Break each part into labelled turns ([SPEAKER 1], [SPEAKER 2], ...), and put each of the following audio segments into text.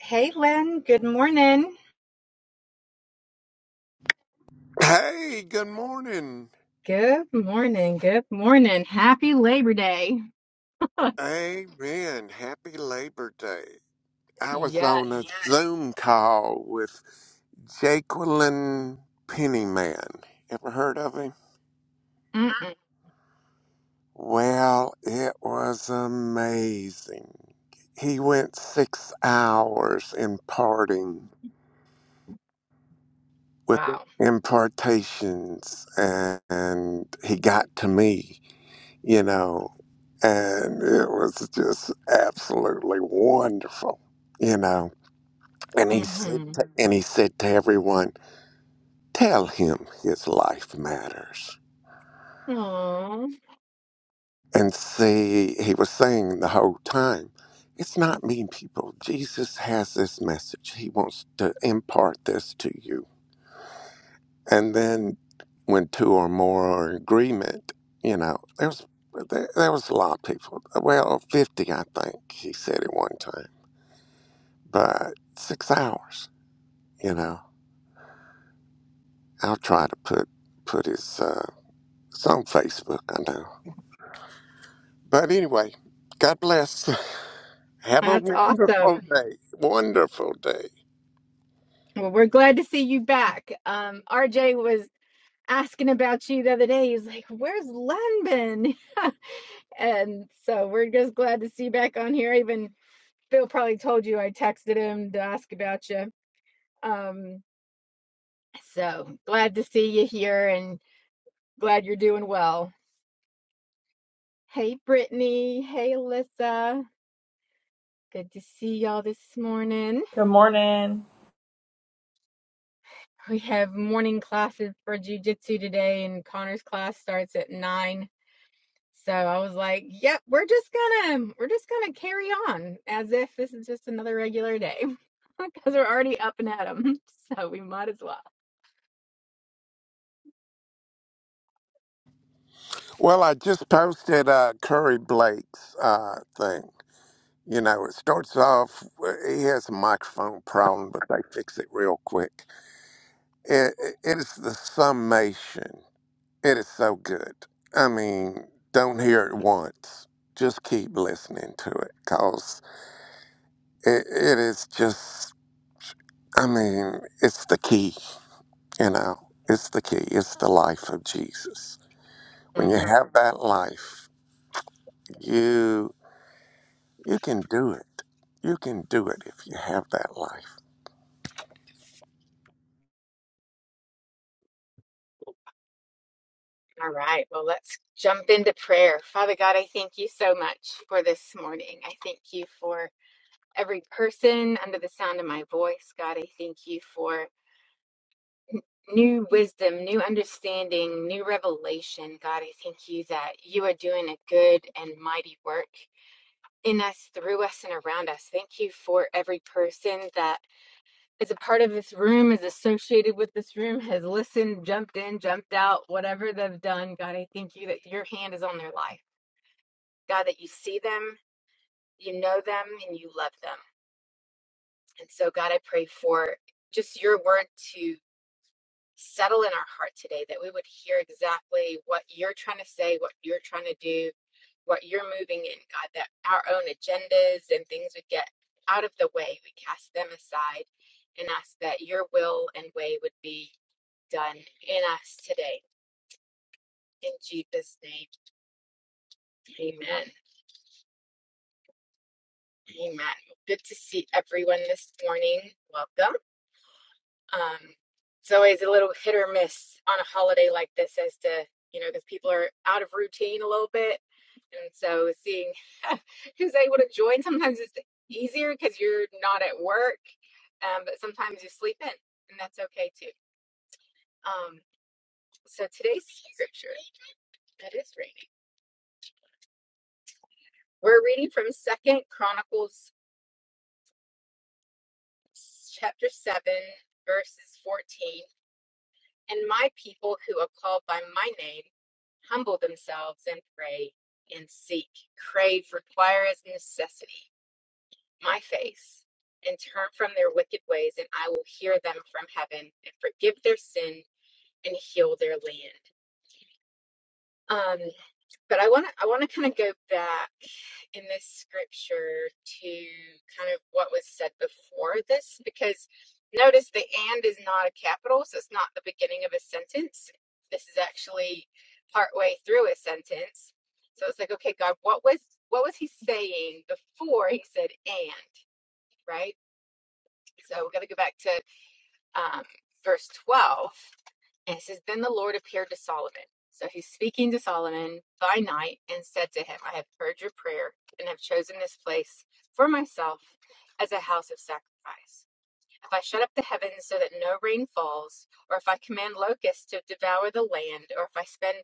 [SPEAKER 1] Hey, Len. Good morning.
[SPEAKER 2] Hey, good morning.
[SPEAKER 1] Good morning. Good morning. Happy Labor Day.
[SPEAKER 2] Amen. Happy Labor Day. I was
[SPEAKER 1] Yes.
[SPEAKER 2] on a Zoom call with Jacqueline Pennyman. Ever heard of him?
[SPEAKER 1] Mm-mm.
[SPEAKER 2] Well, it was amazing. He went six hours imparting with
[SPEAKER 1] Wow.
[SPEAKER 2] impartations, and he got to me. you know, and it was just absolutely wonderful, you know. And he said,
[SPEAKER 1] Mm-hmm.
[SPEAKER 2] to, and he said to everyone, "Tell him his life matters."
[SPEAKER 1] Aww.
[SPEAKER 2] And see, he was saying the whole time, "It's not mean people. Jesus has this message. He wants to impart this to you." And then, when two or more are in agreement, you know, there's there, there was a lot of people. Well, fifty, I think he said at one time but six hours. You know, I'll try to put put his. Uh, it's on Facebook, I know. But anyway, God bless. Have a
[SPEAKER 1] That's awesome.
[SPEAKER 2] wonderful day. Wonderful day.
[SPEAKER 1] Well, we're glad to see you back. Um, RJ was asking about you the other day. He's like, "Where's Len been?" And so we're just glad to see you back on here. Even Phil probably told you I texted him to ask about you. Um, so glad to see you here and glad you're doing well. Hey, Brittany. Hey, Alyssa. Good to see y'all this morning.
[SPEAKER 3] Good morning.
[SPEAKER 1] We have morning classes for jujitsu today, and Connor's class starts at nine. So I was like, "Yep, we're just gonna we're just gonna carry on as if this is just another regular day, because we're already up and at 'em, so we might as well."
[SPEAKER 2] Well, I just posted uh, Curry Blake's uh, thing. You know, it starts off, well, he has a microphone problem, but they fix it real quick. It, it is the summation. It is so good. I mean, don't hear it once. Just keep listening to it because it, it is just, I mean, it's the key, you know, it's the key. It's the life of Jesus. When you
[SPEAKER 1] Mhm.
[SPEAKER 2] have that life, you you can do it. You can do it if you have that life.
[SPEAKER 1] All right. Well, let's jump into prayer. Father God, I thank you so much for this morning. I thank you for every person under the sound of my voice. God, I thank you for new wisdom, new understanding, new revelation. God, I thank you that you are doing a good and mighty work in us, through us, and around us. Thank you for every person that is a part of this room, is associated with this room, has listened, jumped in, jumped out, whatever they've done. God, I thank you that your hand is on their life. God, that you see them, you know them, and you love them. And so, God, I pray for just your word to settle in our heart today, that we would hear exactly what you're trying to say, what you're trying to do, what you're moving in, God, that our own agendas and things would get out of the way. We cast them aside and ask that your will and way would be done in us today. In Jesus' name, amen. Amen. Good to see everyone this morning. Welcome. Um, it's always a little hit or miss on a holiday like this as to, you know, because people are out of routine a little bit. And so seeing who's able to join sometimes it's easier because you're not at work, um, but sometimes you sleep in, and that's okay too. Um, so today's scripture, it is raining. We're reading from Second Chronicles chapter 7, verses 14. And my people who are called by my name humble themselves and pray and seek, crave, require as necessity my face, and turn from their wicked ways, and I will hear them from heaven and forgive their sin and heal their land. Um. But I want to I want to kind of go back in this scripture to kind of what was said before this because notice the and is not a capital, so it's not the beginning of a sentence. This is actually partway through a sentence. So it's like, okay, God, what was what was he saying before he said and, right? So we're gonna go back to um, verse 12 and it says, Then the Lord appeared to Solomon. So he's speaking to Solomon by night and said to him, I have heard your prayer and have chosen this place for myself as a house of sacrifice. If I shut up the heavens so that no rain falls, or if I command locusts to devour the land, or if I spend,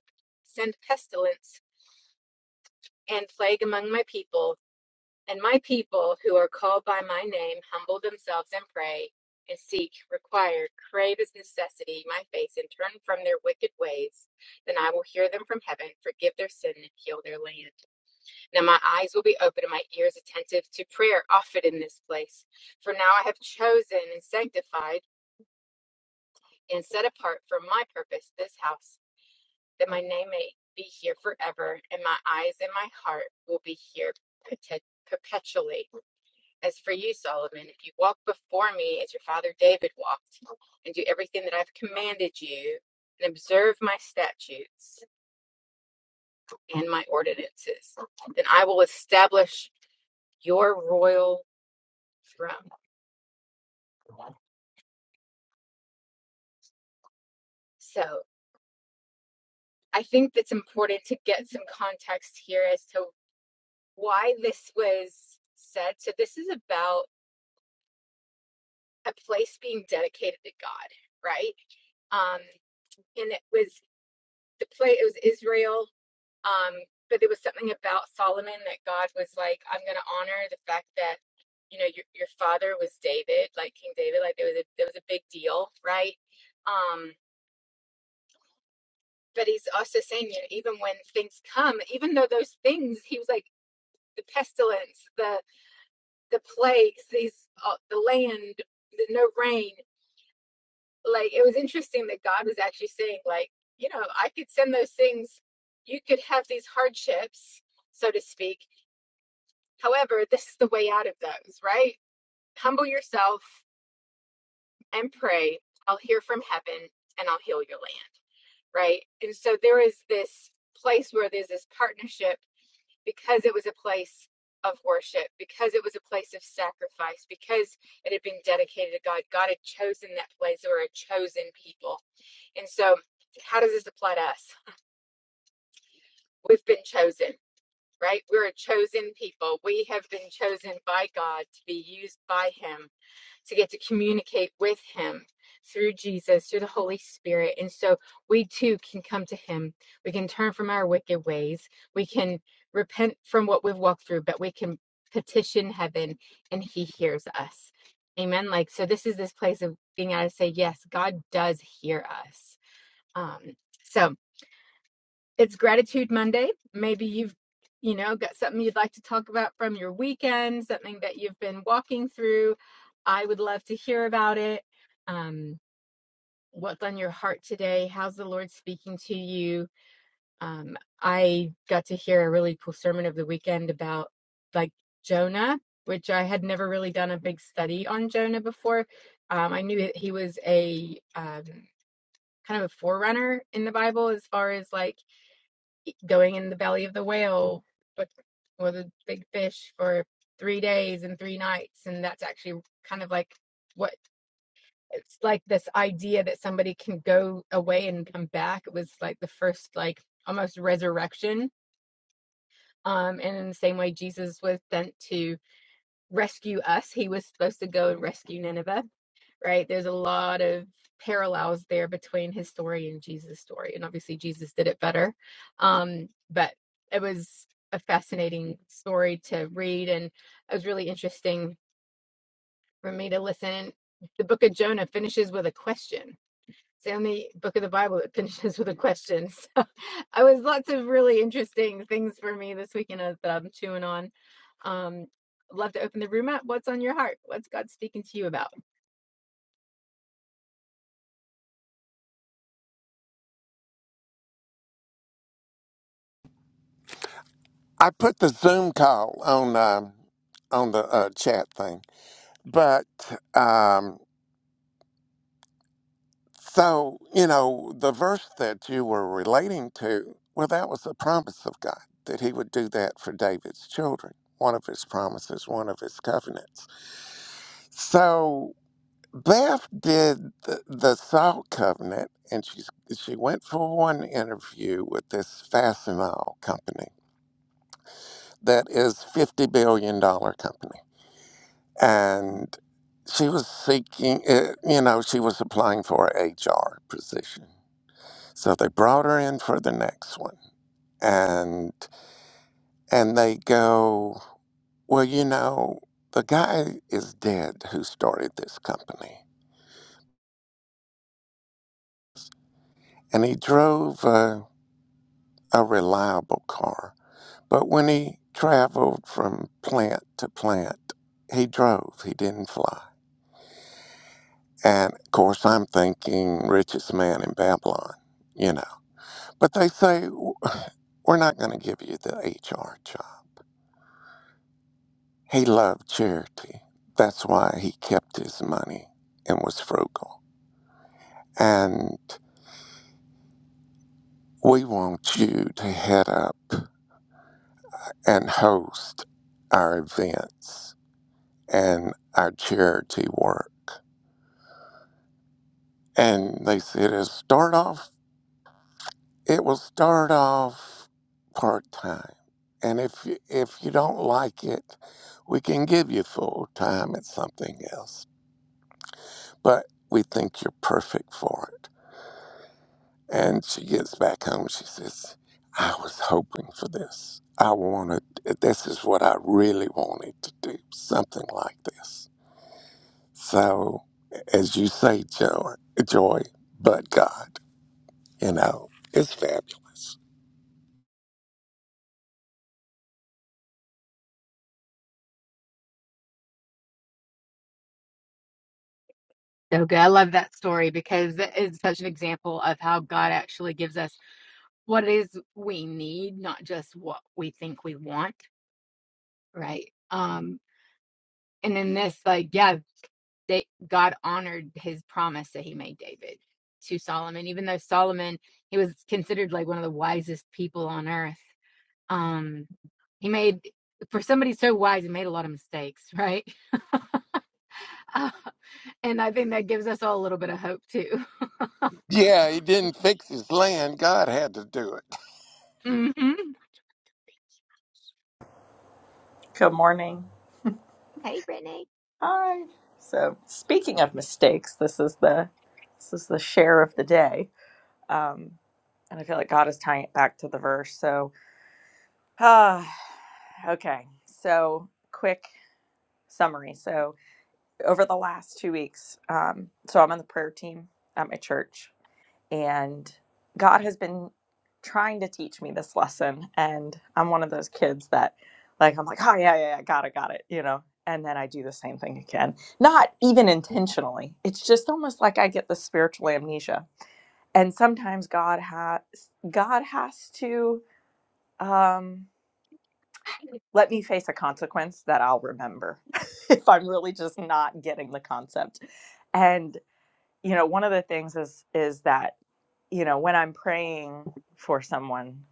[SPEAKER 1] send pestilence and plague among my people, and my people who are called by my name humble themselves and pray and seek, require, crave as necessity my face and turn from their wicked ways, then I will hear them from heaven, forgive their sin, and heal their land. Now my eyes will be open and my ears attentive to prayer offered in this place. For now I have chosen and sanctified and set apart for my purpose this house, that my name may be here forever, and my eyes and my heart will be here perpetually. As for you, Solomon, if you walk before me as your father David walked, and do everything that I've commanded you, and observe my statutes and my ordinances, then I will establish your royal throne. So I think that's important to get some context here as to why this was said. So this is about a place being dedicated to God, right? Um, and it was the place. It was Israel. Um, but there was something about Solomon that God was like, I'm going to honor the fact that you know your your father was David, like King David, like there was a there was a big deal, right? Um, but he's also saying, you know, even when things come, even though those things, he was like the pestilence, the the plagues, these uh, the land, the no rain. Like it was interesting that God was actually saying, like, you know, I could send those things. You could have these hardships, so to speak, However, this is the way out of those, right? Humble yourself and pray. I'll hear from heaven and I'll heal your land, right? And so there is this place where there's this partnership because it was a place of worship, because it was a place of sacrifice, because it had been dedicated to God. God had chosen that place or a chosen people. And so, how does this apply to us? We've been chosen right? We're a chosen people. We have been chosen by God to be used by Him to get to communicate with him through Jesus, through the Holy Spirit. And so we too can come to him. We can turn from our wicked ways. We can repent from what we've walked through, but we can petition heaven and he hears us. Amen. Like, so this is this place of being able to say, yes, God does hear us. Um, so, it's gratitude monday maybe you've you know got something you'd like to talk about from your weekend something that you've been walking through i would love to hear about it um, what's on your heart today how's the lord speaking to you um, i got to hear a really cool sermon of the weekend about like jonah which i had never really done a big study on jonah before um, i knew that he was a um, kind of a forerunner in the bible as far as like going in the belly of the whale with a big fish for three days and three nights and that's actually kind of like what it's like this idea that somebody can go away and come back it was like the first like almost resurrection um and in the same way jesus was sent to rescue us he was supposed to go and rescue nineveh right? There's a lot of parallels there between his story and Jesus' story. And obviously, Jesus did it better. Um, but it was a fascinating story to read. And it was really interesting for me to listen. And the book of Jonah finishes with a question. It's the only book of the Bible that finishes with a question. So I was lots of really interesting things for me this weekend that I'm chewing on. Um, love to open the room up. What's on your heart? What's God speaking to you about?
[SPEAKER 2] I put the Zoom call on um, on the uh, chat thing, but um, So, you know, the verse that you were relating to, well, that was the promise of God that he would do that for David's children, one of his promises, one of his covenants. So, Beth did the, the Saul covenant, and she's, she went for one interview with this Fastenal company that is $50 billion dollars company. And she was seeking, uh, you know, she was applying for a HR position So they brought her in for the next one. And and they go, Well, you know, the guy is dead who started this company. And he drove a, a reliable car. But when he traveled from plant to plant, he drove. He didn't fly. And of course I'm thinking richest man in Babylon, you know. But they say we're not going to give you the HR job. He loved charity. That's why he kept his money and was frugal. And we want you to head up and host our events and our charity work. And they said, it'll start off, it will start off part time. And if you, if you don't like it, we can give you full time at something else. But we think you're perfect for it And she gets back home. She says, I was hoping for this. I wanted, this is what I really wanted to do, something like this. So, as you say, joy, joy but God, you know, it's fabulous.
[SPEAKER 1] So good. I love that story because it is such an example of how God actually gives us what it is we need, not just what we think we want, right? Um, and in this, like, yeah, they, God honored his promise that he made David to Solomon, even though Solomon, he was considered like one of the wisest people on earth. Um, he made, for somebody so wise, he made a lot of mistakes, right? Uh, and I think that gives us all a little bit of hope too.
[SPEAKER 2] Yeah, he didn't fix his land. God had to do it.
[SPEAKER 1] hmm
[SPEAKER 3] Good morning.
[SPEAKER 1] Hey, Brittany.
[SPEAKER 3] Hi. So, speaking of mistakes, this is the this is the share of the day, um, and I feel like God is tying it back to the verse. So, ah, okay. So, quick summary. So, over the last two weeks, um, so I'm on the prayer team at my church, And God has been trying to teach me this lesson. And I'm one of those kids that, like, I'm like, oh, yeah, yeah, yeah, got it, got it, you know. And then I do the same thing again, not even intentionally. It's just almost like I get this spiritual amnesia. And sometimes God has God has to um, let me face a consequence that I'll remember if I'm really just not getting the concept. And you know, one of the things is is that you know, when I'm praying for someone,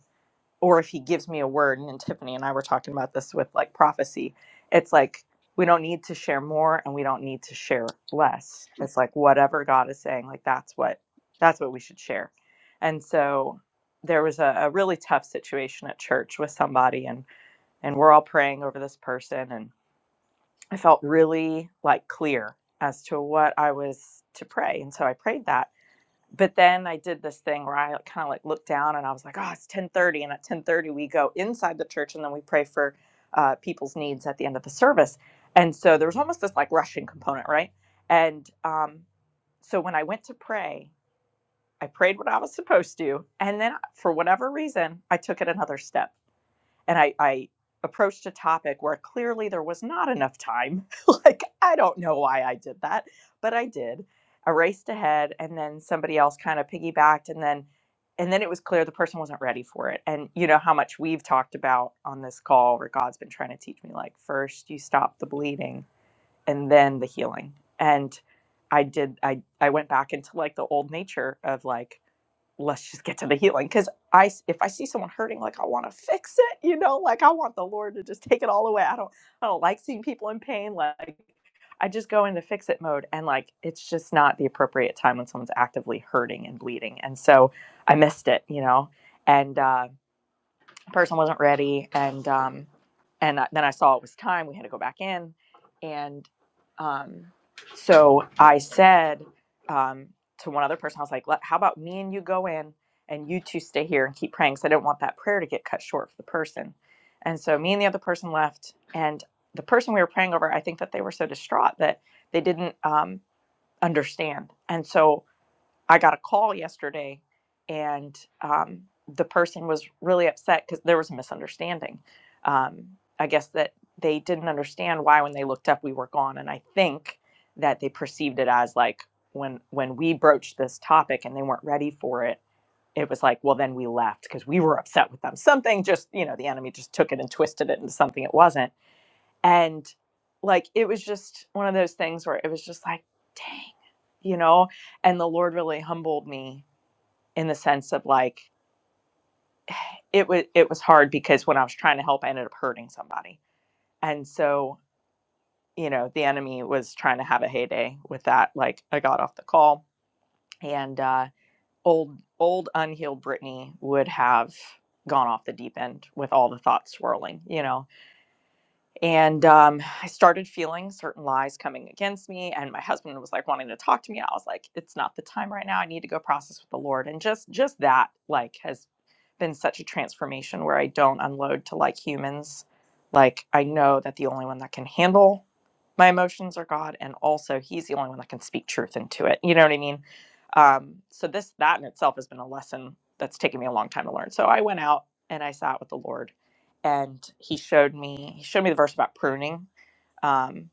[SPEAKER 3] or if he gives me a word, and Tiffany and I were talking about this with like prophecy, it's like we don't need to share more and we don't need to share less. It's like whatever God is saying, like that's what that's what we should share. And so there was a, a really tough situation at church with somebody and and we're all praying over this person and I felt really like clear as to what I was to pray. And so I prayed that but then I did this thing where I kind of like looked down and I was like, oh, it's 1030. And at 1030, we go inside the church and then we pray for uh, people's needs at the end of the service. And so there was almost this like rushing component, right? And um, so when I went to pray, I prayed what I was supposed to. And then uh, for whatever reason, I took it another step and I, I approached a topic where clearly there was not enough time. like, I don't know why I did that, but I did. I raced ahead and then somebody else kind of piggybacked and then and then it was clear the person wasn't ready for it. And you know how much we've talked about on this call where God's been trying to teach me like first you stop the bleeding and then the healing. And I did I I went back into like the old nature of like let's just get to the healing because I if i see someone hurting like i want to fix it you know like i want the lord to just take it all away i don't i don't like seeing people in pain like i just go into fix it mode and like it's just not the appropriate time when someone's actively hurting and bleeding and so i missed it you know and uh person wasn't ready and um and then i saw it was time we had to go back in and um so i said um to one other person i was like how about me and you go in and you two stay here and keep praying because i didn't want that prayer to get cut short for the person and so me and the other person left and the person we were praying over i think that they were so distraught that they didn't um understand and so I got a call yesterday, and um, the person was really upset because there was a misunderstanding. Um, I guess that they didn't understand why when they looked up we were gone, and I think that they perceived it as like when when we broached this topic and they weren't ready for it. It was like, well, then we left because we were upset with them. Something just, you know, the enemy just took it and twisted it into something it wasn't and like it was just one of those things where it was just like dang you know and the lord really humbled me in the sense of like it was it was hard because when i was trying to help i ended up hurting somebody and so you know the enemy was trying to have a heyday with that like i got off the call and uh old old unhealed brittany would have gone off the deep end with all the thoughts swirling you know And um, I started feeling certain lies coming against me. And my husband was like wanting to talk to me. I was like, it's not the time right now. I need to go process with the Lord. And just just that like has been such a transformation where I don't unload to like humans. Like I know that the only one that can handle my emotions are god and also he's the only one that can speak truth into it you know what i mean um, so this that in itself has been a lesson that's taken me a long time to learn so i went out and i sat with the lord and he showed me he showed me the verse about pruning Um,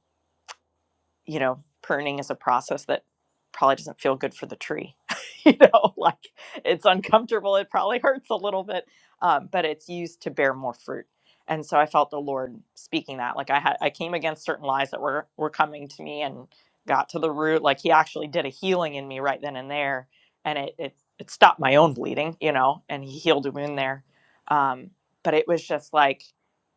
[SPEAKER 3] you know, pruning is a process that probably doesn't feel good for the tree. you know, like it's uncomfortable. It probably hurts a little bit, um, but it's used to bear more fruit. And so I felt the Lord speaking that. Like I had, I came against certain lies that were were coming to me and got to the root. Like He actually did a healing in me right then and there, and it it, it stopped my own bleeding. You know, and He healed a wound there. Um, but it was just like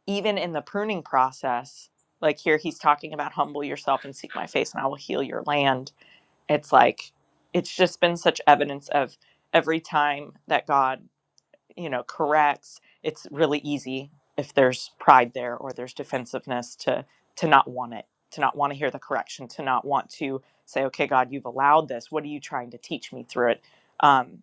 [SPEAKER 3] even in the pruning process, like here he's talking about humble yourself and seek my face and I will heal your land. It's like it's just been such evidence of every time that God, you know, corrects, it's really easy if there's pride there or there's defensiveness to to not want it, to not want to hear the correction, to not want to say, okay, God, you've allowed this. What are you trying to teach me through it? Um,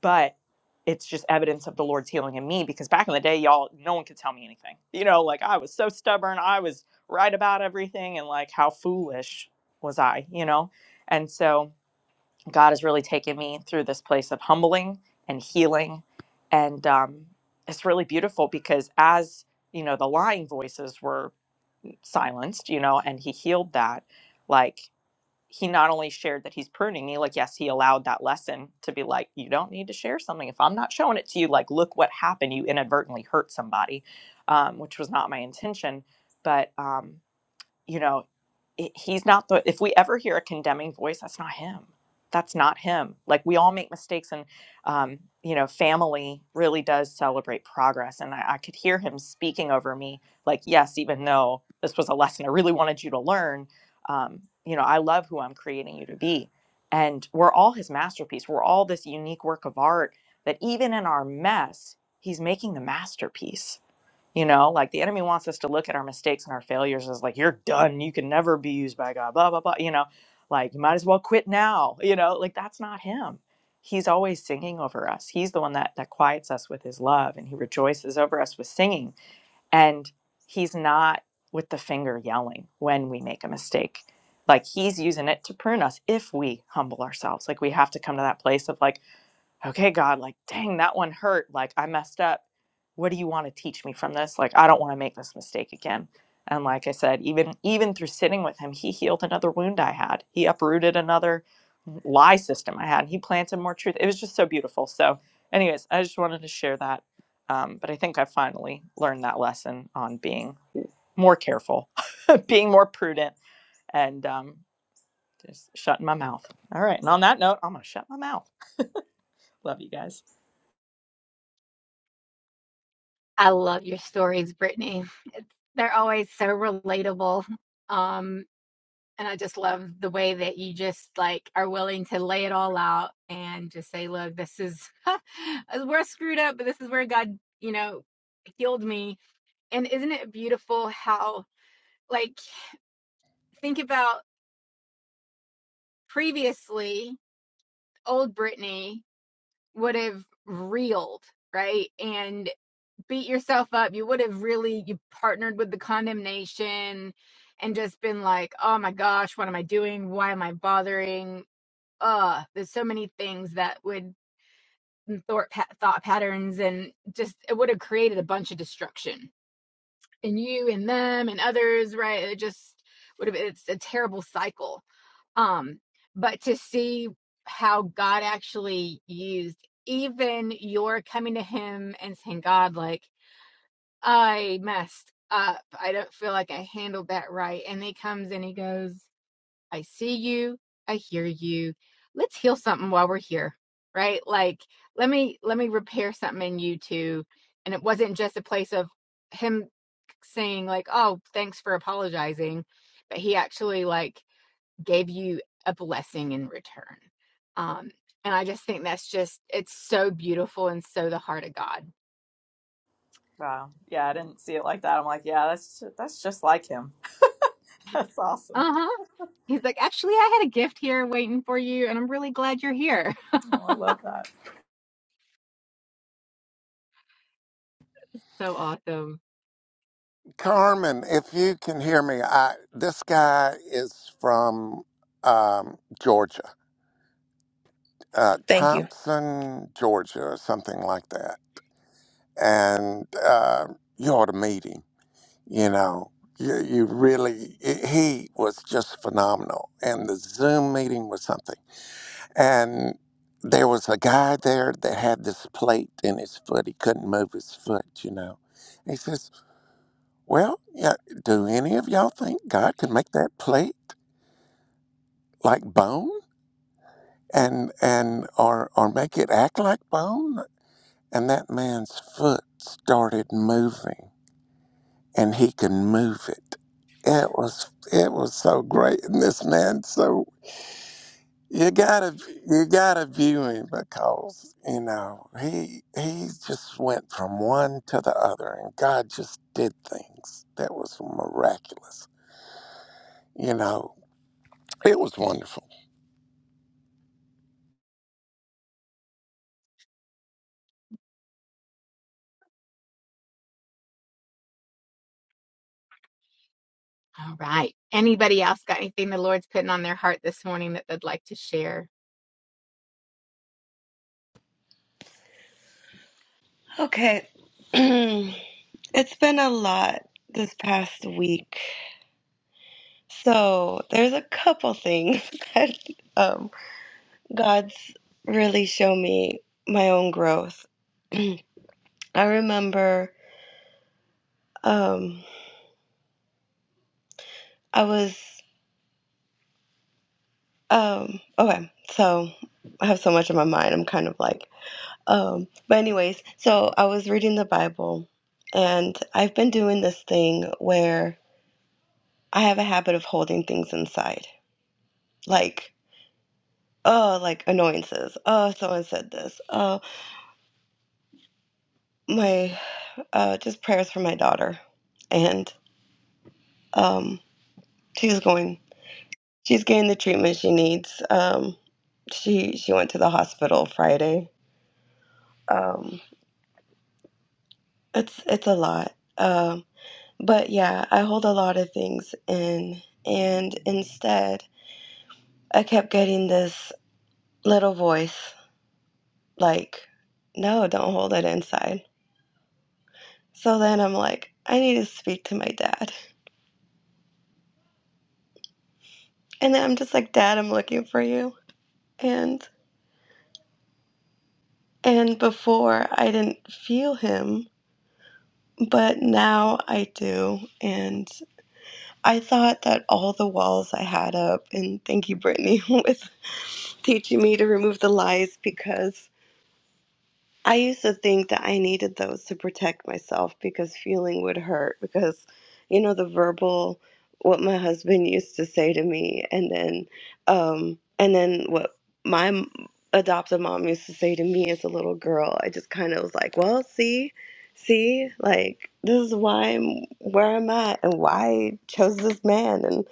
[SPEAKER 3] but it's just evidence of the Lord's healing in me because back in the day, y'all, no one could tell me anything. You know, like I was so stubborn, I was right about everything, and like how foolish was I, you know? And so God has really taken me through this place of humbling and healing. And um, it's really beautiful because as, you know, the lying voices were silenced, you know, and He healed that. Like, he not only shared that he's pruning me, like, yes, he allowed that lesson to be like, you don't need to share something. If I'm not showing it to you, like, look what happened. You inadvertently hurt somebody, um, which was not my intention. But, um, you know, it- he's not the if we ever hear a condemning voice that's not him that's not him like we all make mistakes and um, you know family really does celebrate progress and I, I could hear him speaking over me like yes even though this was a lesson i really wanted you to learn um, you know i love who i'm creating you to be and we're all his masterpiece we're all this unique work of art that even in our mess he's making the masterpiece you know, like the enemy wants us to look at our mistakes and our failures as like, you're done. You can never be used by God, blah, blah, blah. You know, like you might as well quit now. You know, like that's not him. He's always singing over us. He's the one that, that quiets us with his love and he rejoices over us with singing. And he's not with the finger yelling when we make a mistake. Like he's using it to prune us if we humble ourselves. Like we have to come to that place of like, okay, God, like, dang, that one hurt. Like, I messed up. What do you want to teach me from this? Like, I don't want to make this mistake again. And like I said, even even through sitting with him, he healed another wound I had. He uprooted another lie system I had. and He planted more truth. It was just so beautiful. So, anyways, I just wanted to share that. Um, but I think I finally learned that lesson on being more careful, being more prudent, and um, just shutting my mouth. All right. And on that note, I'm gonna shut my mouth. Love you guys.
[SPEAKER 1] I love your stories, Brittany. They're always so relatable. Um, and I just love the way that you just like are willing to lay it all out and just say, look, this is we're screwed up, but this is where God, you know, healed me. And isn't it beautiful how like think about previously old Brittany would have reeled, right? and. beat yourself up. You would have really you partnered with the condemnation and just been like, "Oh my gosh, what am I doing? Why am I bothering?" Uh, there's so many things that would mm, thought pa- thought patterns and just it would have created a bunch of destruction in you and them and others, right? It just would have it's a terrible cycle. Um, but to see how God actually used even your coming to him and saying, God, like I messed up. I don't feel like I handled that right. And he comes and he goes, I see you. I hear you. Let's heal something while we're here. Right? Like, let me let me repair something in you two. And it wasn't just a place of him saying like, "Oh, thanks for apologizing," but he actually like gave you a blessing in return. Um and I just think that's just it's so beautiful and so the heart of God.
[SPEAKER 3] Wow. Yeah, I didn't see it like that. I'm like, yeah, that's that's just like him. That's awesome.
[SPEAKER 1] Uh-huh. He's like, actually, I had a gift here waiting for you, and I'm really glad you're here.
[SPEAKER 3] Oh, I love that.
[SPEAKER 1] So awesome.
[SPEAKER 2] Carmen, if you can hear me, I, this guy is from um, Georgia, uh,
[SPEAKER 4] Thank you.
[SPEAKER 2] Thompson, Georgia, or something like that and uh, you ought to meet him. You know, you, you really, i he was just phenomenal. And the Zoom meeting was something. And there was a guy there that had this plate in his foot. He couldn't move his foot, you know. he says, Well, yeah, do any of y'all think God can make that plate like bone? And, and or, or make it act like bone? And that man's foot started moving and he can move it. It was it was so great, and this man. So you gotta you gotta view him because you know he he just went from one to the other, and God just did things that was miraculous. You know, it was wonderful.
[SPEAKER 1] All right. Anybody else got anything the Lord's putting on their heart this morning that they'd like to share?
[SPEAKER 5] Okay. it's been a lot this past week. So there's a couple things that um, God's really shown me my own growth. I remember um, I was, um, okay, so I have so much in my mind. I'm kind of like, um, but, anyways, so I was reading the Bible and I've been doing this thing where I have a habit of holding things inside. Like, uh like annoyances uh someone said this uh my uh just prayers for my daughter and um she's going she's getting the treatment she needs um she she went to the hospital friday um it's it's a lot um but yeah i hold a lot of things in and instead i kept getting this little voice like no don't hold it inside so then i'm like i need to speak to my dad And I'm just like, Dad, I'm looking for you. And and before I didn't feel him, but now I do. And I thought that all the walls I had up, and thank you, Brittany, with teaching me to remove the lies because I used to think that I needed those to protect myself because feeling would hurt because you know the verbal what my husband used to say to me and then um and then what my m- adoptive mom used to say to me as a little girl I just kind of was like well see see like this is why I'm where I'm at and why I chose this man and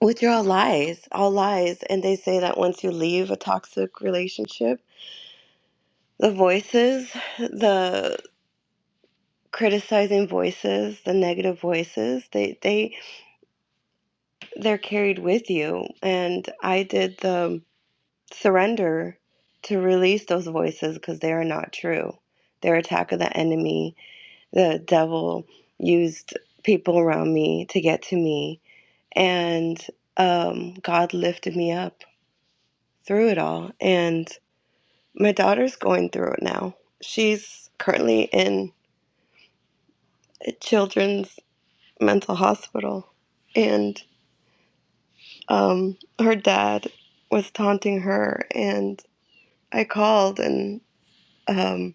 [SPEAKER 5] which are all lies all lies and they say that once you leave a toxic relationship the voices, the criticizing voices, the negative voices, they they they're carried with you. And I did the surrender to release those voices because they are not true. Their attack of the enemy, the devil used people around me to get to me, and um, God lifted me up through it all. And my daughter's going through it now. She's currently in a children's mental hospital, and um, her dad was taunting her, and I called, and um,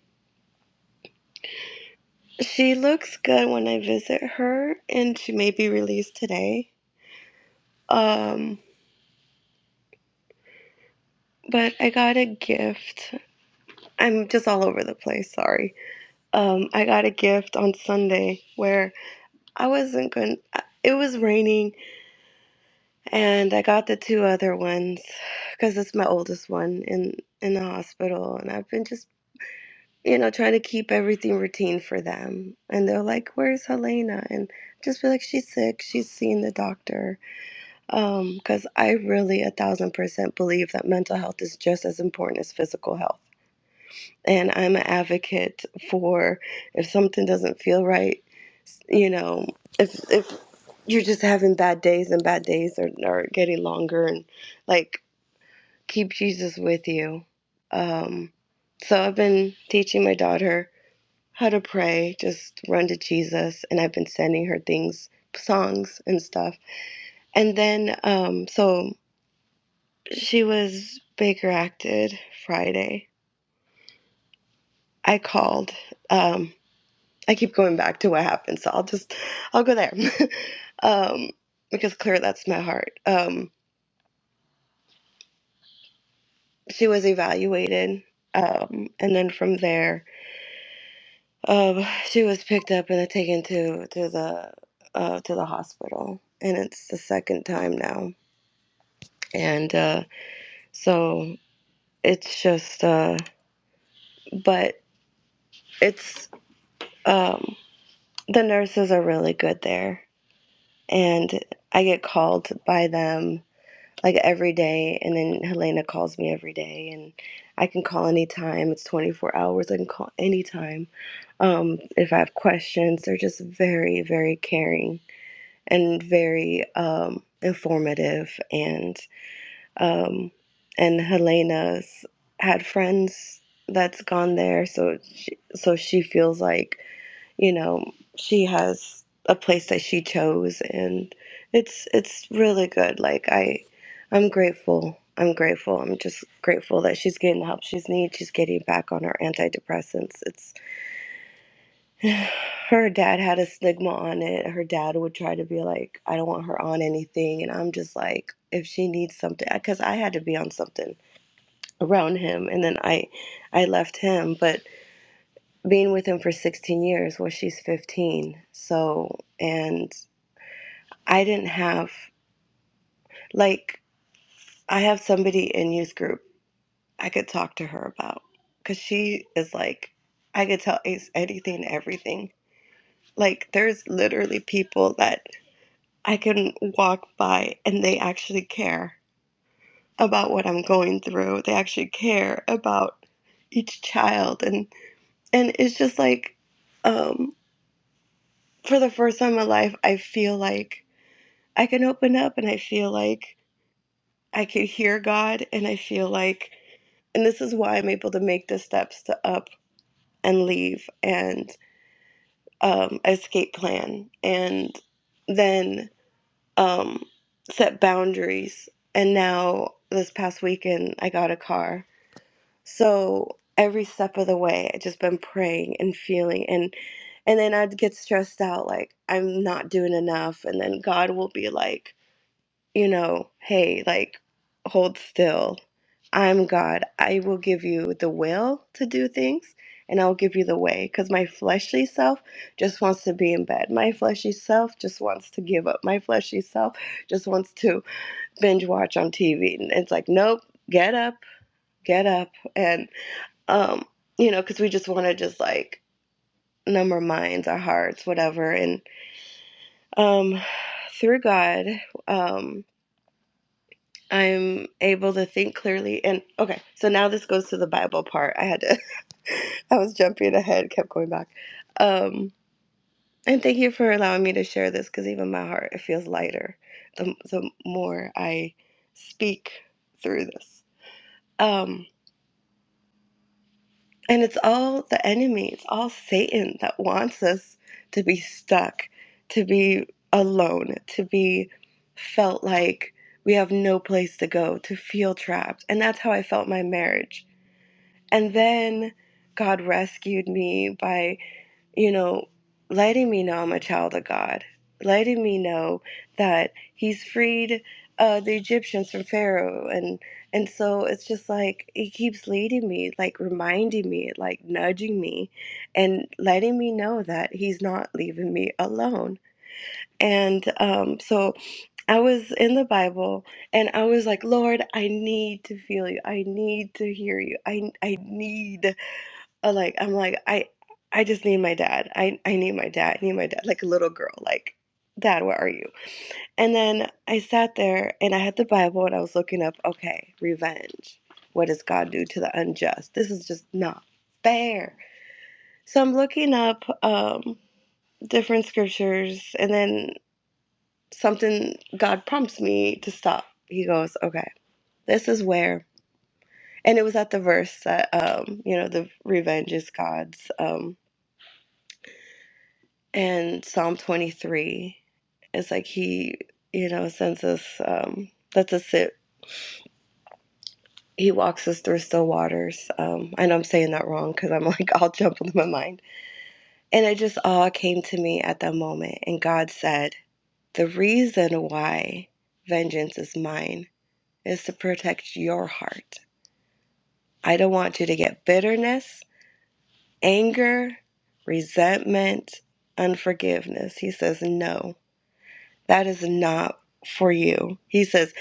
[SPEAKER 5] she looks good when I visit her, and she may be released today. Um, but I got a gift. I'm just all over the place. Sorry. Um, I got a gift on Sunday where I wasn't going. to... It was raining, and I got the two other ones because it's my oldest one in in the hospital, and I've been just you know, trying to keep everything routine for them. And they're like, "Where's Helena?" And just be like, "She's sick. She's seeing the doctor." Um, because I really a thousand percent believe that mental health is just as important as physical health. And I'm an advocate for if something doesn't feel right, you know, if if you're just having bad days and bad days are, are getting longer and like keep Jesus with you. Um, so I've been teaching my daughter how to pray, just run to Jesus. And I've been sending her things, songs and stuff. And then, um, so she was Baker acted Friday. I called. Um, I keep going back to what happened, so I'll just I'll go there um, because clearly that's my heart. Um, she was evaluated, um, and then from there, um, she was picked up and taken to to the uh, to the hospital, and it's the second time now and uh, so it's just uh, but it's um, the nurses are really good there and i get called by them like every day and then helena calls me every day and i can call anytime it's 24 hours i can call anytime um, if i have questions they're just very very caring and very um, informative And Um, and Helena's had friends that's gone there, so she, so she feels like you know she has a place that she chose, and it's it's really good. Like I, I'm grateful. I'm grateful. I'm just grateful that she's getting the help she's needs. She's getting back on her antidepressants. It's her dad had a stigma on it. Her dad would try to be like, I don't want her on anything, and I'm just like, if she needs something, because I had to be on something around him and then I I left him but being with him for 16 years well she's 15 so and I didn't have like I have somebody in youth group I could talk to her about cuz she is like I could tell Ace anything everything like there's literally people that I can walk by and they actually care about what I'm going through they actually care about each child and and it's just like um for the first time in my life, I feel like I can open up and I feel like I can hear God. And I feel like, and this is why I'm able to make the steps to up and leave and um, escape plan and then um, set boundaries. And now this past weekend, I got a car. So every step of the way, i just been praying and feeling and and then I'd get stressed out like I'm not doing enough and then God will be like you know, hey, like, hold still. I'm God. I will give you the will to do things and I'll give you the way. Because my fleshly self just wants to be in bed. My fleshly self just wants to give up. My fleshly self just wants to binge watch on TV. And it's like, nope, get up, get up. And, um, you know, because we just want to just like numb our minds, our hearts, whatever. And um, through God, um, I'm able to think clearly. And okay, so now this goes to the Bible part. I had to, I was jumping ahead, kept going back. Um, and thank you for allowing me to share this because even my heart, it feels lighter the, the more I speak through this. Um, And it's all the enemy, it's all Satan that wants us to be stuck, to be alone, to be felt like we have no place to go, to feel trapped. And that's how I felt my marriage. And then God rescued me by you know, letting me know I'm a child of God, letting me know that He's freed uh, the Egyptians from Pharaoh, and and so it's just like He keeps leading me, like reminding me, like nudging me, and letting me know that He's not leaving me alone. And um, so I was in the Bible and I was like, Lord, I need to feel you. I need to hear you. I I need. I like I'm like I I just need my dad. I I need my dad. I need my dad like a little girl like dad, where are you? And then I sat there and I had the Bible and I was looking up, okay, revenge. What does God do to the unjust? This is just not fair. So I'm looking up um different scriptures and then something God prompts me to stop. He goes, "Okay, this is where." And it was at the verse that um, you know, the revenge is God's um And Psalm 23 is like he, you know, sends us, um, lets us sit. He walks us through still waters. Um, I know I'm saying that wrong because I'm like all jumbled in my mind. And it just all came to me at that moment. And God said, The reason why vengeance is mine is to protect your heart. I don't want you to get bitterness, anger, resentment, unforgiveness. He says, No. That is not for you. He says,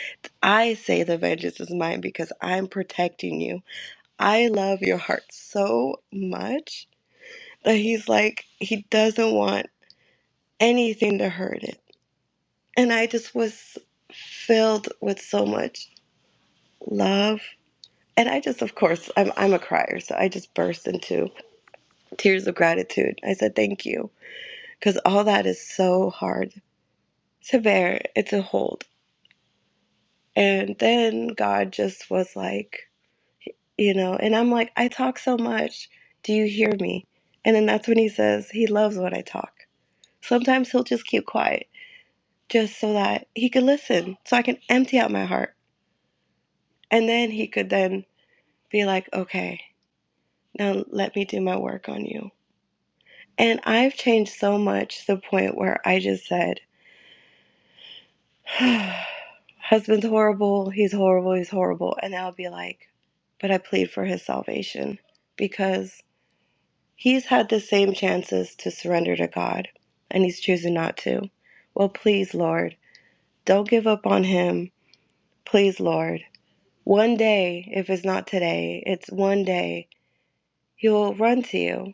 [SPEAKER 5] I say the vengeance is mine because I'm protecting you. I love your heart so much that he's like, he doesn't want anything to hurt it. And I just was filled with so much love. And I just, of course, I'm, I'm a crier, so I just burst into tears of gratitude. I said, Thank you, because all that is so hard to bear, it's a hold. And then God just was like, you know and i'm like i talk so much do you hear me and then that's when he says he loves when i talk sometimes he'll just keep quiet just so that he could listen so i can empty out my heart and then he could then be like okay now let me do my work on you and i've changed so much to the point where i just said husband's horrible he's horrible he's horrible and i'll be like but i plead for his salvation because He's had the same chances to surrender to God, and he's choosing not to. Well, please, Lord, don't give up on him. Please, Lord. One day, if it's not today, it's one day, he'll run to you.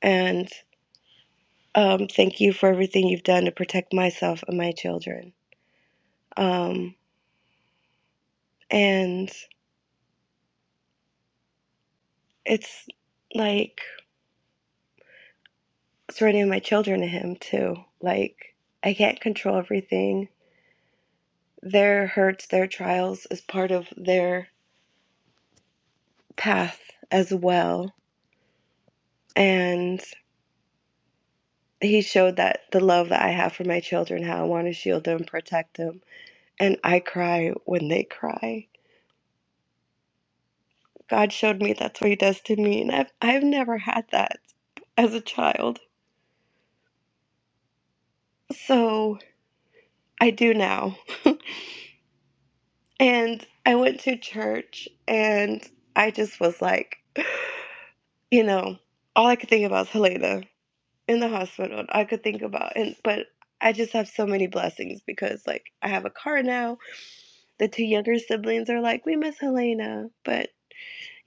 [SPEAKER 5] And um, thank you for everything you've done to protect myself and my children. Um, and it's like surrendering my children to him, too. Like, I can't control everything. Their hurts, their trials is part of their path as well. And he showed that the love that I have for my children, how I want to shield them, protect them. And I cry when they cry. God showed me that's what he does to me. And I've, I've never had that as a child. So I do now. And I went to church and I just was like, you know, all I could think about is Helena in the hospital. I could think about and but I just have so many blessings because like I have a car now the two younger siblings are like, we miss Helena, but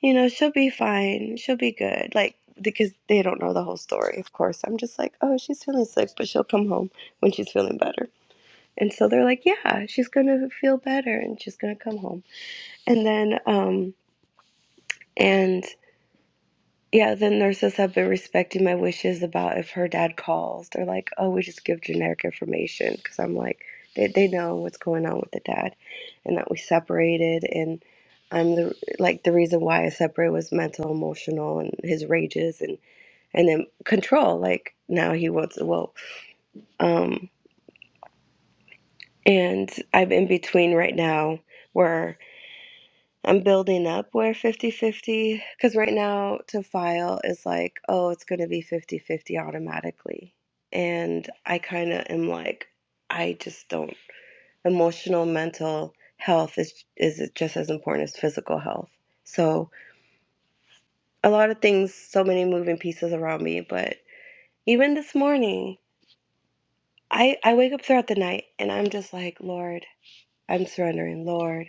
[SPEAKER 5] you know, she'll be fine. She'll be good. Like, because they don't know the whole story, of course. I'm just like, oh, she's feeling sick, but she'll come home when she's feeling better. And so they're like, yeah, she's going to feel better and she's going to come home. And then, um, and Yeah, the nurses have been respecting my wishes about if her dad calls. They're like, oh, we just give generic information. Because I'm like, they, they know what's going on with the dad and that we separated. And I'm the, like, the reason why I separated was mental, emotional, and his rages and, and then control. Like, now he wants to, well, um, and I'm in between right now where. I'm building up where 50 50, because right now to file is like, oh, it's going to be 50 50 automatically. And I kind of am like, I just don't. Emotional, mental health is, is just as important as physical health. So, a lot of things, so many moving pieces around me. But even this morning, I, I wake up throughout the night and I'm just like, Lord, I'm surrendering. Lord,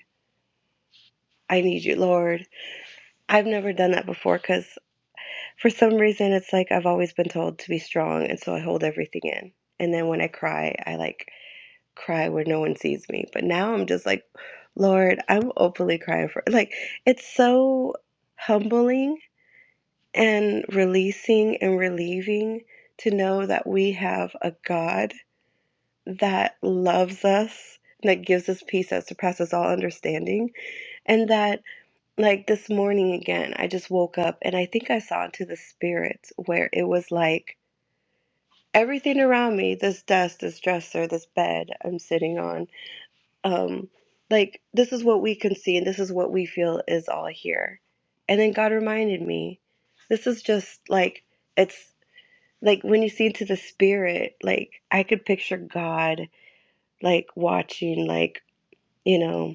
[SPEAKER 5] I need you. Lord, I've never done that before cause. For some reason, it's like I've always been told to be strong, and so I hold everything in. And then when I cry, I like cry where no one sees me. But now I'm just like, Lord, I'm openly crying for like it's so humbling and releasing and relieving to know that we have a God that loves us, that gives us peace that surpasses all understanding, and that like this morning again, I just woke up and I think I saw into the spirits where it was like everything around me this desk this dresser this bed i'm sitting on um like this is what we can see and this is what we feel is all here and then god reminded me this is just like it's like when you see into the spirit like i could picture god like watching like you know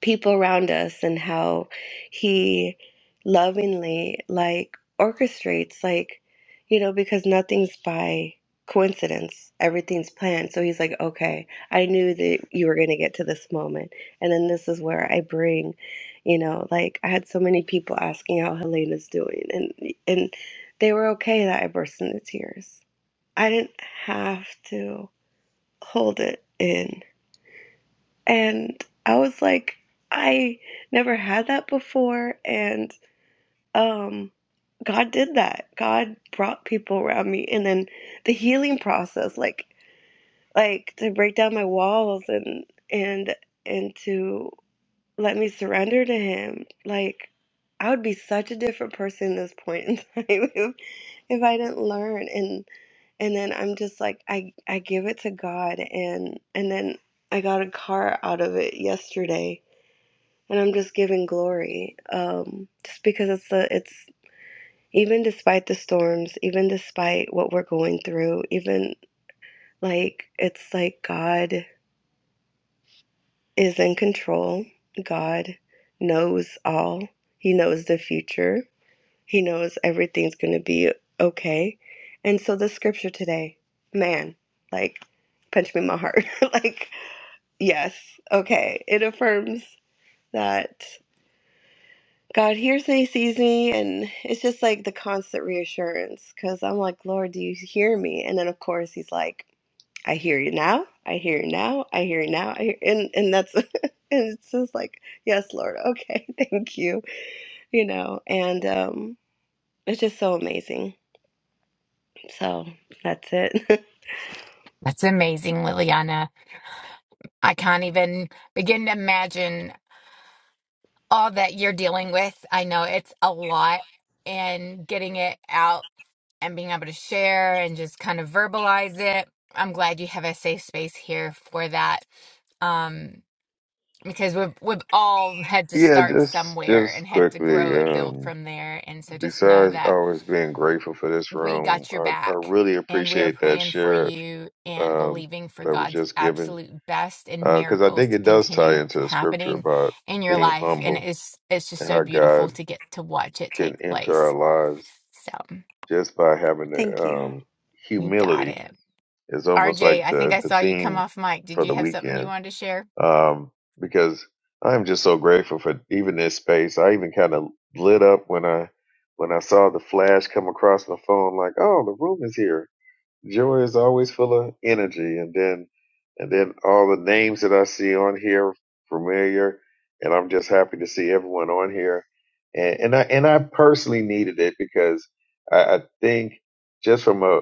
[SPEAKER 5] people around us and how he lovingly like orchestrates like you know because nothing's by coincidence everything's planned so he's like okay i knew that you were going to get to this moment and then this is where i bring you know like i had so many people asking how helena's doing and and they were okay that i burst into tears i didn't have to hold it in and I was like, I never had that before. And um, God did that. God brought people around me. And then the healing process, like, like to break down my walls and, and, and to let me surrender to him. Like, I would be such a different person at this point in time if, if I didn't learn. And, and then I'm just like I I give it to God and and then I got a car out of it yesterday and I'm just giving glory, um, just because it's a, it's even despite the storms, even despite what we're going through, even like it's like God is in control. God knows all. He knows the future. He knows everything's going to be okay. And so the scripture today, man, like punch me in my heart. like yes, okay. It affirms that God hears me, sees me, and it's just like the constant reassurance because I'm like, Lord, do you hear me? And then of course he's like, I hear you now, I hear you now, I hear you now, I hear, and and that's and it's just like, yes, Lord, okay, thank you, you know, and um, it's just so amazing. So that's it.
[SPEAKER 1] That's amazing, Liliana. I can't even begin to imagine all that you're dealing with. I know it's a lot, and getting it out and being able to share and just kind of verbalize it. I'm glad you have a safe space here for that. Um, because we've we've all had to
[SPEAKER 6] Yeah,
[SPEAKER 1] start
[SPEAKER 6] just
[SPEAKER 1] somewhere
[SPEAKER 6] just
[SPEAKER 1] and had to grow
[SPEAKER 6] quickly.
[SPEAKER 1] and build
[SPEAKER 6] Um,
[SPEAKER 1] from there and so just know
[SPEAKER 6] besides
[SPEAKER 1] that
[SPEAKER 6] always being grateful for this
[SPEAKER 1] we
[SPEAKER 6] room,
[SPEAKER 1] got your
[SPEAKER 6] I, I
[SPEAKER 1] back
[SPEAKER 6] really
[SPEAKER 1] and we are
[SPEAKER 6] appreciate that
[SPEAKER 1] praying for
[SPEAKER 6] share
[SPEAKER 1] you and
[SPEAKER 6] um,
[SPEAKER 1] believing for
[SPEAKER 6] that was
[SPEAKER 1] God's
[SPEAKER 6] just given
[SPEAKER 1] absolute best and
[SPEAKER 6] because I
[SPEAKER 1] miracles
[SPEAKER 6] think
[SPEAKER 1] to
[SPEAKER 6] it does tie
[SPEAKER 1] continue
[SPEAKER 6] into the scripture
[SPEAKER 1] happening
[SPEAKER 6] about
[SPEAKER 1] in your
[SPEAKER 6] being
[SPEAKER 1] life and
[SPEAKER 6] humble
[SPEAKER 1] it's it's just
[SPEAKER 6] and
[SPEAKER 1] so
[SPEAKER 6] how
[SPEAKER 1] beautiful
[SPEAKER 6] God
[SPEAKER 1] to get to watch it take
[SPEAKER 6] can enter
[SPEAKER 1] place
[SPEAKER 6] our lives
[SPEAKER 1] so
[SPEAKER 6] just by having the
[SPEAKER 5] thank you.
[SPEAKER 6] um,
[SPEAKER 1] you got
[SPEAKER 6] humility.
[SPEAKER 1] it
[SPEAKER 6] It's almost
[SPEAKER 1] RJ
[SPEAKER 6] like
[SPEAKER 1] I think
[SPEAKER 6] the
[SPEAKER 1] I
[SPEAKER 6] the
[SPEAKER 1] saw you come
[SPEAKER 6] theme
[SPEAKER 1] off mic
[SPEAKER 6] for
[SPEAKER 1] did you
[SPEAKER 6] the
[SPEAKER 1] have something you
[SPEAKER 6] weekend
[SPEAKER 1] wanted to share
[SPEAKER 6] um, because I'm just so grateful for even this space. I even kind of lit up when I when I saw the flash come across my phone, like, oh, the room is here. Joy is always full of energy, and then and then all the names that I see on here familiar, and I'm just happy to see everyone on here, and and I and I personally needed it because I, I think just from a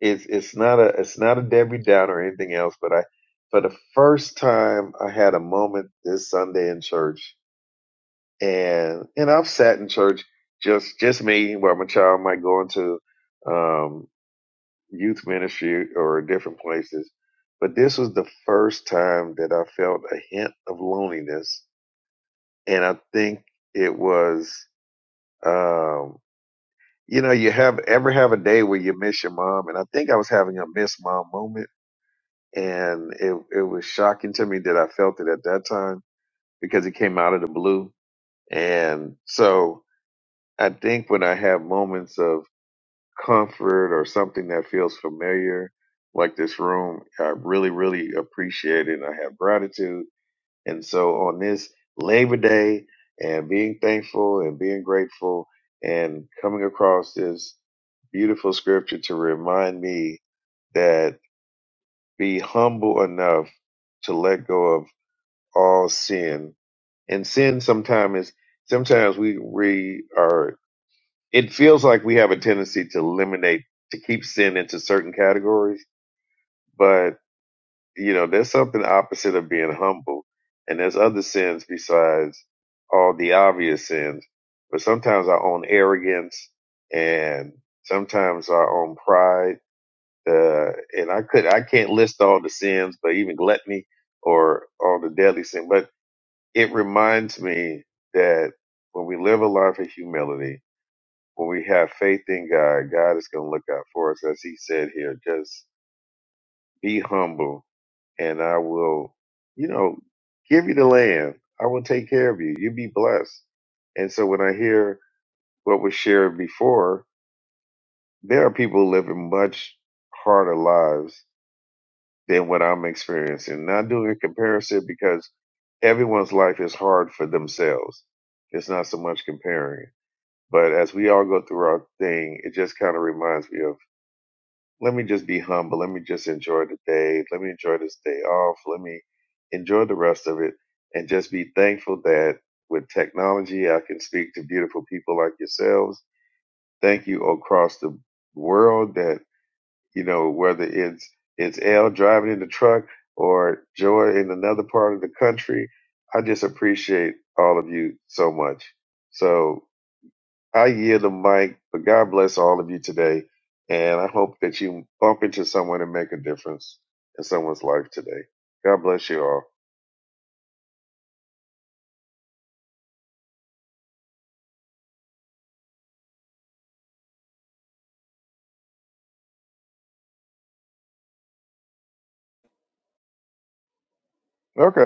[SPEAKER 6] it's it's not a it's not a Debbie Downer or anything else, but I for the first time I had a moment this Sunday in church, and and I've sat in church just just me, where my child might go into. um youth ministry or different places. But this was the first time that I felt a hint of loneliness. And I think it was, um, you know, you have ever have a day where you miss your mom. And I think I was having a miss mom moment. And it, it was shocking to me that I felt it at that time because it came out of the blue. And so I think when I have moments of comfort or something that feels familiar, like this room, I really, really appreciate it. And I have gratitude. And so on this Labor Day and being thankful and being grateful and coming across this beautiful scripture to remind me that be humble enough to let go of all sin. And sin sometimes is sometimes we we are it feels like we have a tendency to eliminate to keep sin into certain categories but you know there's something opposite of being humble and there's other sins besides all the obvious sins but sometimes our own arrogance and sometimes our own pride uh, and i could i can't list all the sins but even gluttony or all the deadly sin but it reminds me that when we live a life of humility when we have faith in God, God is going to look out for us, as He said here. Just be humble, and I will, you know, give you the land. I will take care of you. You will be blessed. And so when I hear what was shared before, there are people living much harder lives than what I'm experiencing. Not doing a comparison because everyone's life is hard for themselves. It's not so much comparing. But as we all go through our thing, it just kind of reminds me of let me just be humble. Let me just enjoy the day. Let me enjoy this day off. Let me enjoy the rest of it and just be thankful that with technology, I can speak to beautiful people like yourselves. Thank you across the world that, you know, whether it's, it's Elle driving in the truck or Joy in another part of the country. I just appreciate all of you so much. So I yield the mic, but God bless all of you today. And I hope that you bump into someone and make a difference in someone's life today. God bless you all. Okay.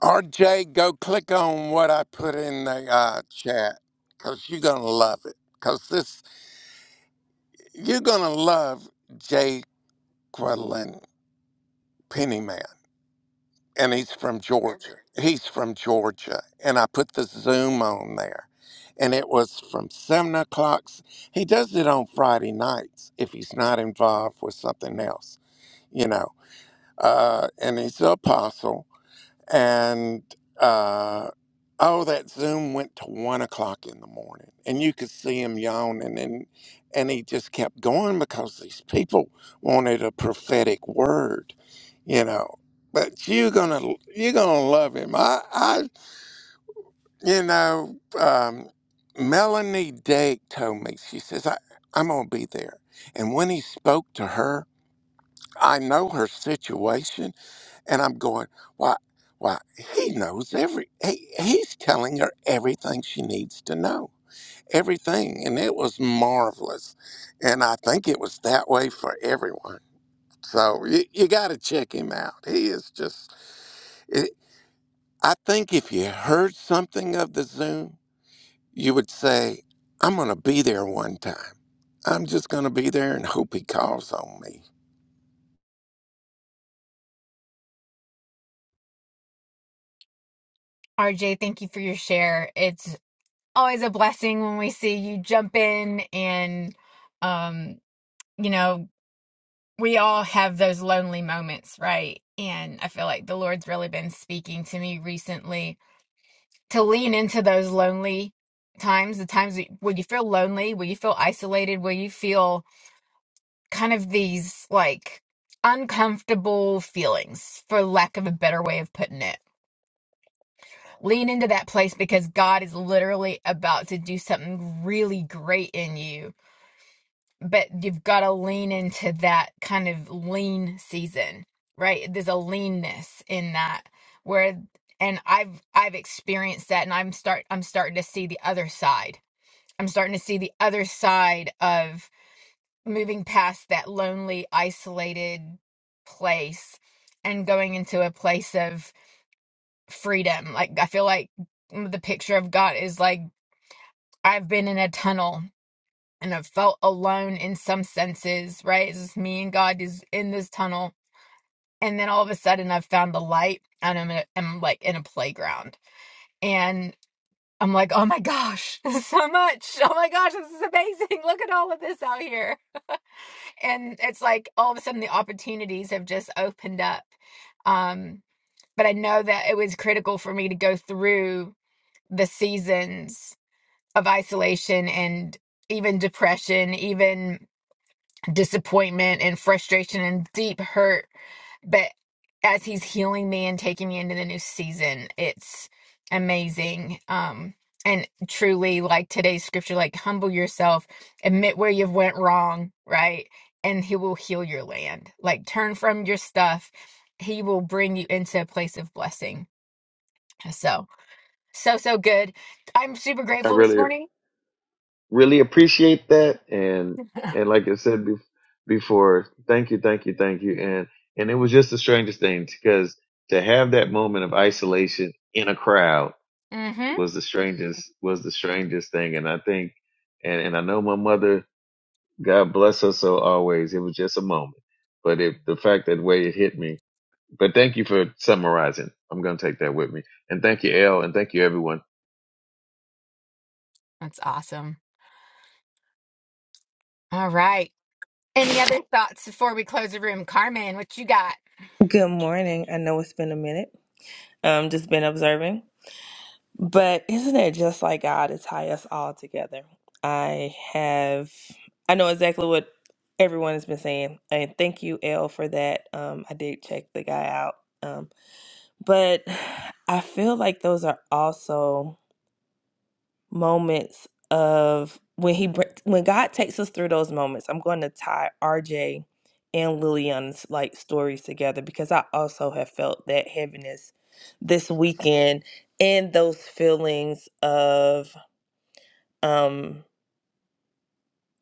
[SPEAKER 2] RJ, go click on what I put in the uh, chat because you're gonna love it. Because this you're gonna love Jay Quedlin Pennyman. and he's from Georgia. He's from Georgia, and I put the Zoom on there, and it was from seven o'clock. He does it on Friday nights if he's not involved with something else, you know. Uh, and he's an apostle, and uh, oh, that Zoom went to one o'clock in the morning, and you could see him yawning, and and he just kept going because these people wanted a prophetic word, you know. But you're gonna you're gonna love him. I I you know um, Melanie Dake told me she says I I'm gonna be there, and when he spoke to her, I know her situation. And I'm going, why, why, he knows every, he, he's telling her everything she needs to know, everything. And it was marvelous. And I think it was that way for everyone. So you, you got to check him out. He is just, it, I think if you heard something of the Zoom, you would say, I'm going to be there one time. I'm just going to be there and hope he calls on me.
[SPEAKER 1] RJ thank you for your share It's. always a blessing when we see you jump in and um you know we all have those lonely moments right and i feel like the lord's really been speaking to me recently to lean into those lonely times the times that- when you feel lonely when you feel isolated when you feel kind of these like uncomfortable feelings for lack of a better way of putting it lean into that place because god is literally about to do something really great in you but you've got to lean into that kind of lean season right there's a leanness in that where and i've i've experienced that and i'm start i'm starting to see the other side i'm starting to see the other side of moving past that lonely isolated place and going into a place of freedom like i feel like the picture I've got is like i've been in a tunnel and I've felt alone in some senses, right? It's just me and God is in this tunnel. And then all of a sudden I've found the light and I'm, a, I'm like in a playground and I'm like, oh my gosh, this is so much. Oh my gosh, this is amazing. Look at all of this out here. And it's like all of a sudden the opportunities have just opened up. Um, but I know that it was critical for me to go through the seasons of isolation and even depression, even disappointment and frustration and deep hurt. But as he's healing me and taking me into the new season, it's amazing. Um, and truly, like today's scripture, like humble yourself, admit where you've went wrong, right? And he will heal your land. Like turn from your stuff. He will bring you into a place of blessing. So, so, so good. I'm super
[SPEAKER 6] I
[SPEAKER 1] grateful this
[SPEAKER 6] really,
[SPEAKER 1] morning.
[SPEAKER 6] really appreciate that. And, and like I said bef- before, thank you, thank you, thank you. And, and it was just the strangest thing because to have that moment of isolation in a crowd
[SPEAKER 1] Mm-hmm.
[SPEAKER 6] was the strangest, was the strangest thing. And I think, and, and I know my mother God bless us so always. It was just a moment, but it, the fact that way it hit me. But thank you for summarizing. I'm going to take that with me. And thank you, Elle, and thank you, everyone.
[SPEAKER 1] That's awesome. All right. Any other thoughts before we close the room? Carmen, what you got?
[SPEAKER 4] Good morning. I know it's been a minute. Um, just been observing. But isn't it just like God to tie us all together? I have I know exactly what everyone has been saying. And thank you, L, for that. Um, I did check the guy out. Um, but I feel like those are also moments of when he br- when God takes us through those moments. I'm going to tie RJ and Lillian's like stories together because I also have felt that heaviness this weekend and those feelings of um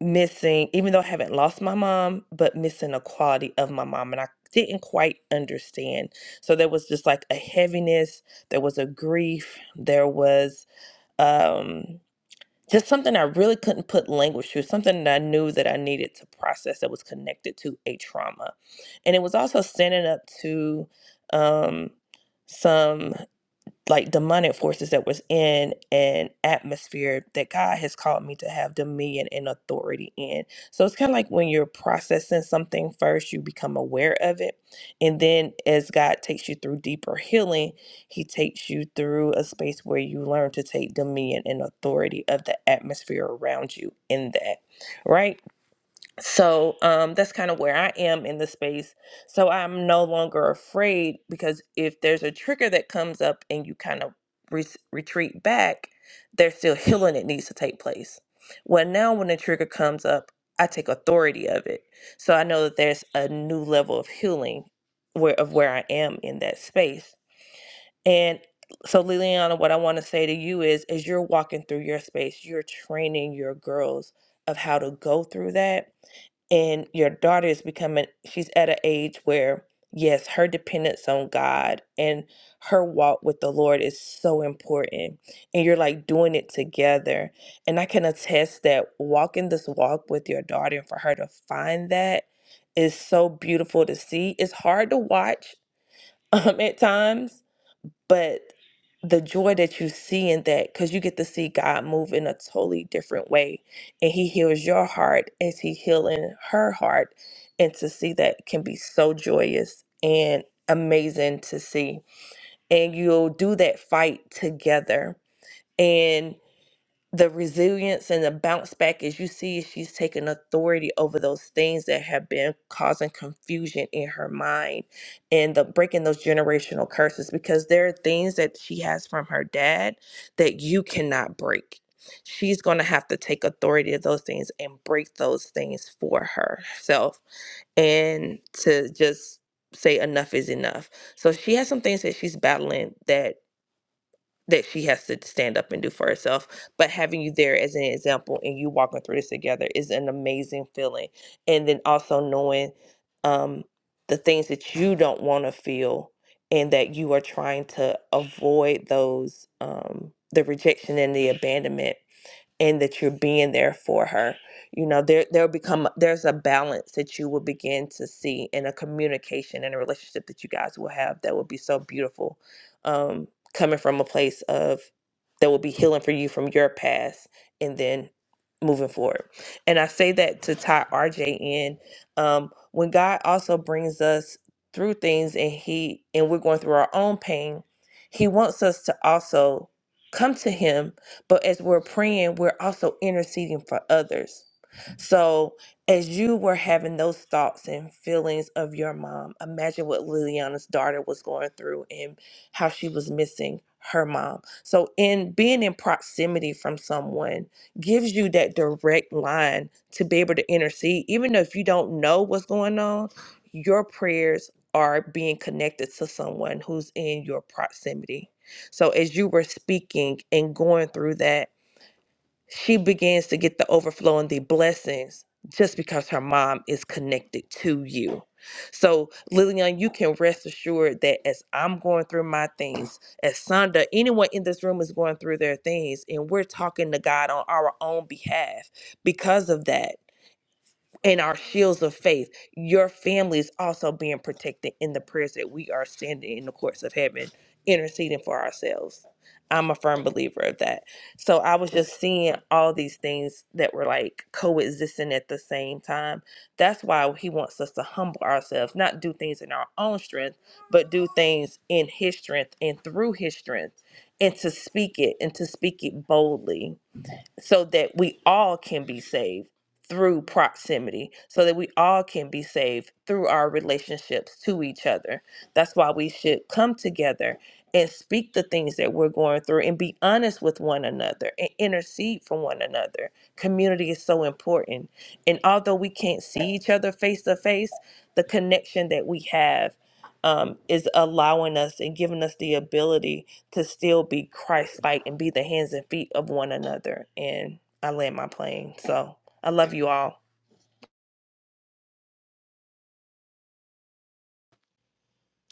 [SPEAKER 4] missing even though I haven't lost my mom but missing a quality of my mom and I didn't quite understand. So there was just like a heaviness, there was a grief, there was um just something I really couldn't put language to, something that I knew that I needed to process that was connected to a trauma. And it was also standing up to um, some like demonic forces that was in an atmosphere that God has called me to have dominion and authority in. So it's kind of like when you're processing something first, you become aware of it. And then as God takes you through deeper healing, he takes you through a space where you learn to take dominion and authority of the atmosphere around you in that, right? so um that's kind of where i am in the space so i'm no longer afraid because if there's a trigger that comes up and you kind of re- retreat back there's still healing that needs to take place well now when the trigger comes up i take authority of it so i know that there's a new level of healing where of where i am in that space and so, Liliana, what I want to say to you is as you're walking through your space, you're training your girls of how to go through that. And your daughter is becoming, she's at an age where, yes, her dependence on God and her walk with the Lord is so important. And you're like doing it together. And I can attest that walking this walk with your daughter and for her to find that is so beautiful to see. It's hard to watch um, at times but the joy that you see in that because you get to see god move in a totally different way and he heals your heart as he healing her heart and to see that can be so joyous and amazing to see and you'll do that fight together the resilience and the bounce back as you see she's taken authority over those things that have been causing confusion in her mind and the breaking those generational curses because there are things that she has from her dad that you cannot break she's going to have to take authority of those things and break those things for herself and to just say enough is enough so she has some things that she's battling that that she has to stand up and do for herself. But having you there as an example and you walking through this together is an amazing feeling. And then also knowing um, the things that you don't want to feel and that you are trying to avoid those, um, the rejection and the abandonment and that you're being there for her. You know, there there'll become there's a balance that you will begin to see in a communication and a relationship that you guys will have that will be so beautiful. Um, coming from a place of that will be healing for you from your past and then moving forward. And I say that to tie RJ in. Um, when God also brings us through things and he and we're going through our own pain, he wants us to also come to him but as we're praying, we're also interceding for others. So as you were having those thoughts and feelings of your mom, imagine what Liliana's daughter was going through and how she was missing her mom. So in being in proximity from someone gives you that direct line to be able to intercede, even though if you don't know what's going on, your prayers are being connected to someone who's in your proximity. So as you were speaking and going through that, she begins to get the overflow and the blessings just because her mom is connected to you. So Lillian, you can rest assured that as I'm going through my things, as Sonda, anyone in this room is going through their things, and we're talking to God on our own behalf because of that and our shields of faith. Your family is also being protected in the prayers that we are sending in the courts of heaven, interceding for ourselves. I'm a firm believer of that. So I was just seeing all these things that were like coexisting at the same time. That's why he wants us to humble ourselves, not do things in our own strength, but do things in his strength and through his strength, and to speak it and to speak it boldly so that we all can be saved through proximity, so that we all can be saved through our relationships to each other. That's why we should come together and speak the things that we're going through and be honest with one another and intercede for one another. Community is so important. And although we can't see each other face to face, the connection that we have um, is allowing us and giving us the ability to still be Christ-like and be the hands and feet of one another. And I land my plane. So I love you all.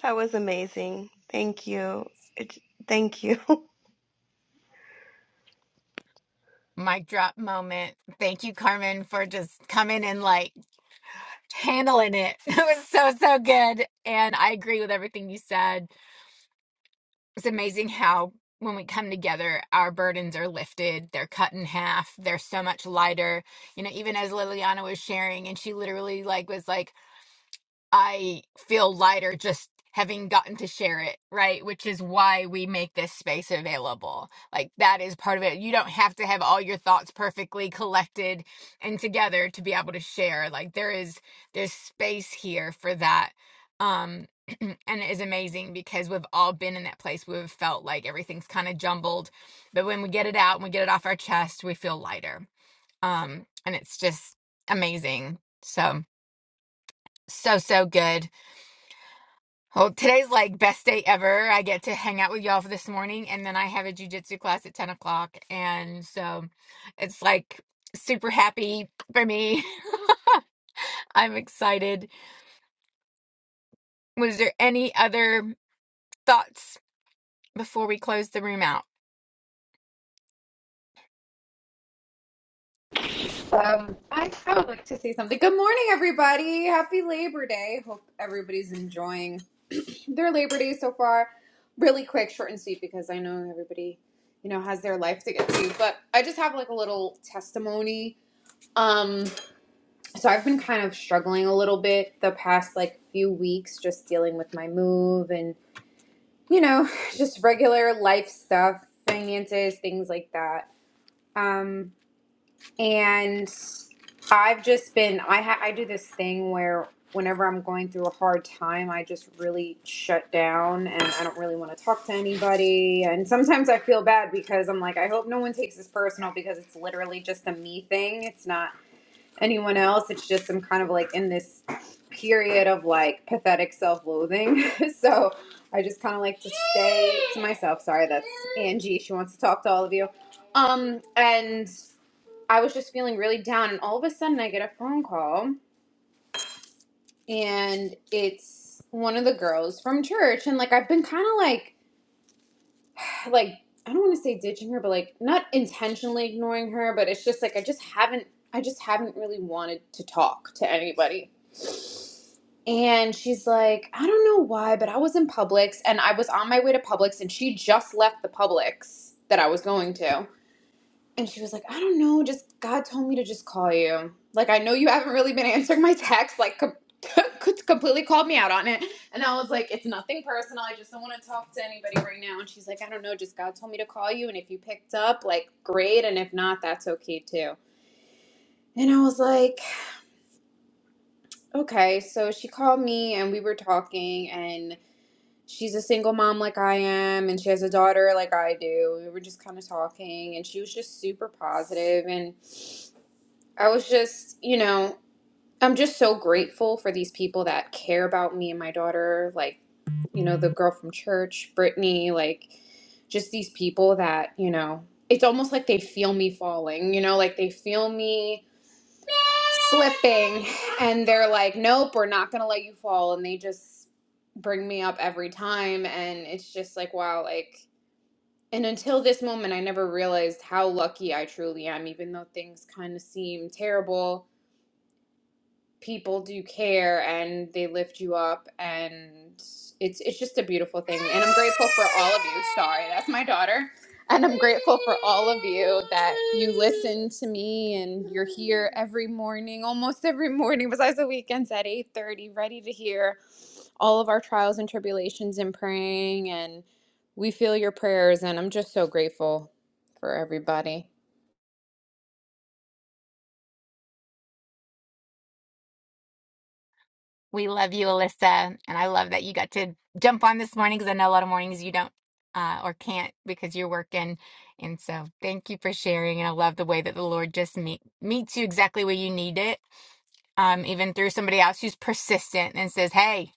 [SPEAKER 5] That was amazing. Thank you. It, thank you.
[SPEAKER 1] Mic drop moment. Thank you, Carmen, for just coming and like handling it. It was so, so good. And I agree with everything you said. It's amazing how when we come together, our burdens are lifted, they're cut in half, they're so much lighter. You know, even as Liliana was sharing, and she literally like was like, I feel lighter just having gotten to share it, right? Which is why we make this space available. Like that is part of it. You don't have to have all your thoughts perfectly collected and together to be able to share. Like there is there's space here for that. Um and it is amazing because we've all been in that place. We've felt like everything's kind of jumbled, but when we get it out and we get it off our chest, we feel lighter. Um and it's just amazing. So so so good. Well, today's like best day ever. I get to hang out with y'all for this morning, and then I have a jujitsu class at 10 o'clock. And so it's like super happy for me. I'm excited. Was there any other thoughts before we close the room out?
[SPEAKER 7] Um, I would like to say something. Good morning, everybody. Happy Labor Day. Hope everybody's enjoying their Labor Day so far. Really quick, short and sweet, because I know everybody, you know, has their life to get to. But I just have like a little testimony. Um, so I've been kind of struggling a little bit the past like few weeks, just dealing with my move and you know, just regular life stuff, finances, things like that. Um, and I've just been I ha- I do this thing where whenever I'm going through a hard time, I just really shut down and I don't really want to talk to anybody. And sometimes I feel bad because I'm like I hope no one takes this personal because it's literally just a me thing. It's not anyone else. It's just I'm kind of like in this period of like pathetic self-loathing. so I just kind of like to stay to myself. Sorry, that's Angie. She wants to talk to all of you. Um, and I was just feeling really down, and all of a sudden I get a phone call, and it's one of the girls from church, and like I've been kind of like, like I don't want to say ditching her, but like not intentionally ignoring her, but it's just like I just haven't, I just haven't really wanted to talk to anybody. And she's like, I don't know why, but I was in Publix, and I was on my way to Publix, and she just left the Publix that I was going to And she was like, I don't know, just God told me to just call you. Like, I know you haven't really been answering my texts, like, com- completely called me out on it. And I was like, it's nothing personal. I just don't want to talk to anybody right now. And she's like, I don't know, just God told me to call you. And if you picked up, like, great. And if not, that's okay too. And I was like, okay. So she called me and we were talking, and she's a single mom like I am, and she has a daughter like I do. We were just kind of talking, and she was just super positive and I was just, you know, I'm just so grateful for these people that care about me and my daughter, like, you know, the girl from church, Brittany, like, just these people that, you know, it's almost like they feel me falling, you know, like they feel me slipping and they're like, nope, we're not going to let you fall. And they just bring me up every time. And it's just like, wow, like, and until this moment, I never realized how lucky I truly am, even though things kind of seem terrible people do care and they lift you up and it's it's just a beautiful thing and I'm grateful for all of you. Sorry, that's my daughter. And I'm grateful for all of you that you listen to me and you're here every morning, almost every morning besides the weekends at 8:30 ready to hear all of our trials and tribulations and praying and we feel your prayers and I'm just so grateful for everybody.
[SPEAKER 1] We love you, Alyssa. And I love that you got to jump on this morning because I know a lot of mornings you don't uh, or can't because you're working. And so thank you for sharing. And I love the way that the Lord just meet, meets you exactly where you need it, um, even through somebody else who's persistent and says, hey,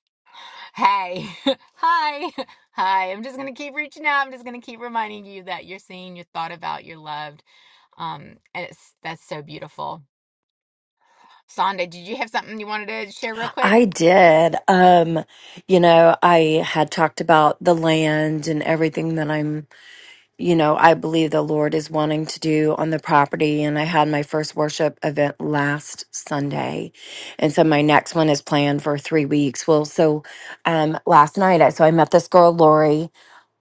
[SPEAKER 1] hey, hi, hi. I'm just going to keep reaching out. I'm just going to keep reminding you that you're seen, you're thought about, you're loved. Um, and it's that's so beautiful. Sonda, did you have something you wanted to share real quick?
[SPEAKER 8] I did. Um, you know, I had talked about the land and everything that I'm, you know, I believe the Lord is wanting to do on the property. And I had my first worship event last Sunday. And so my next one is planned for three weeks. Well, so um last night I so I met this girl, Lori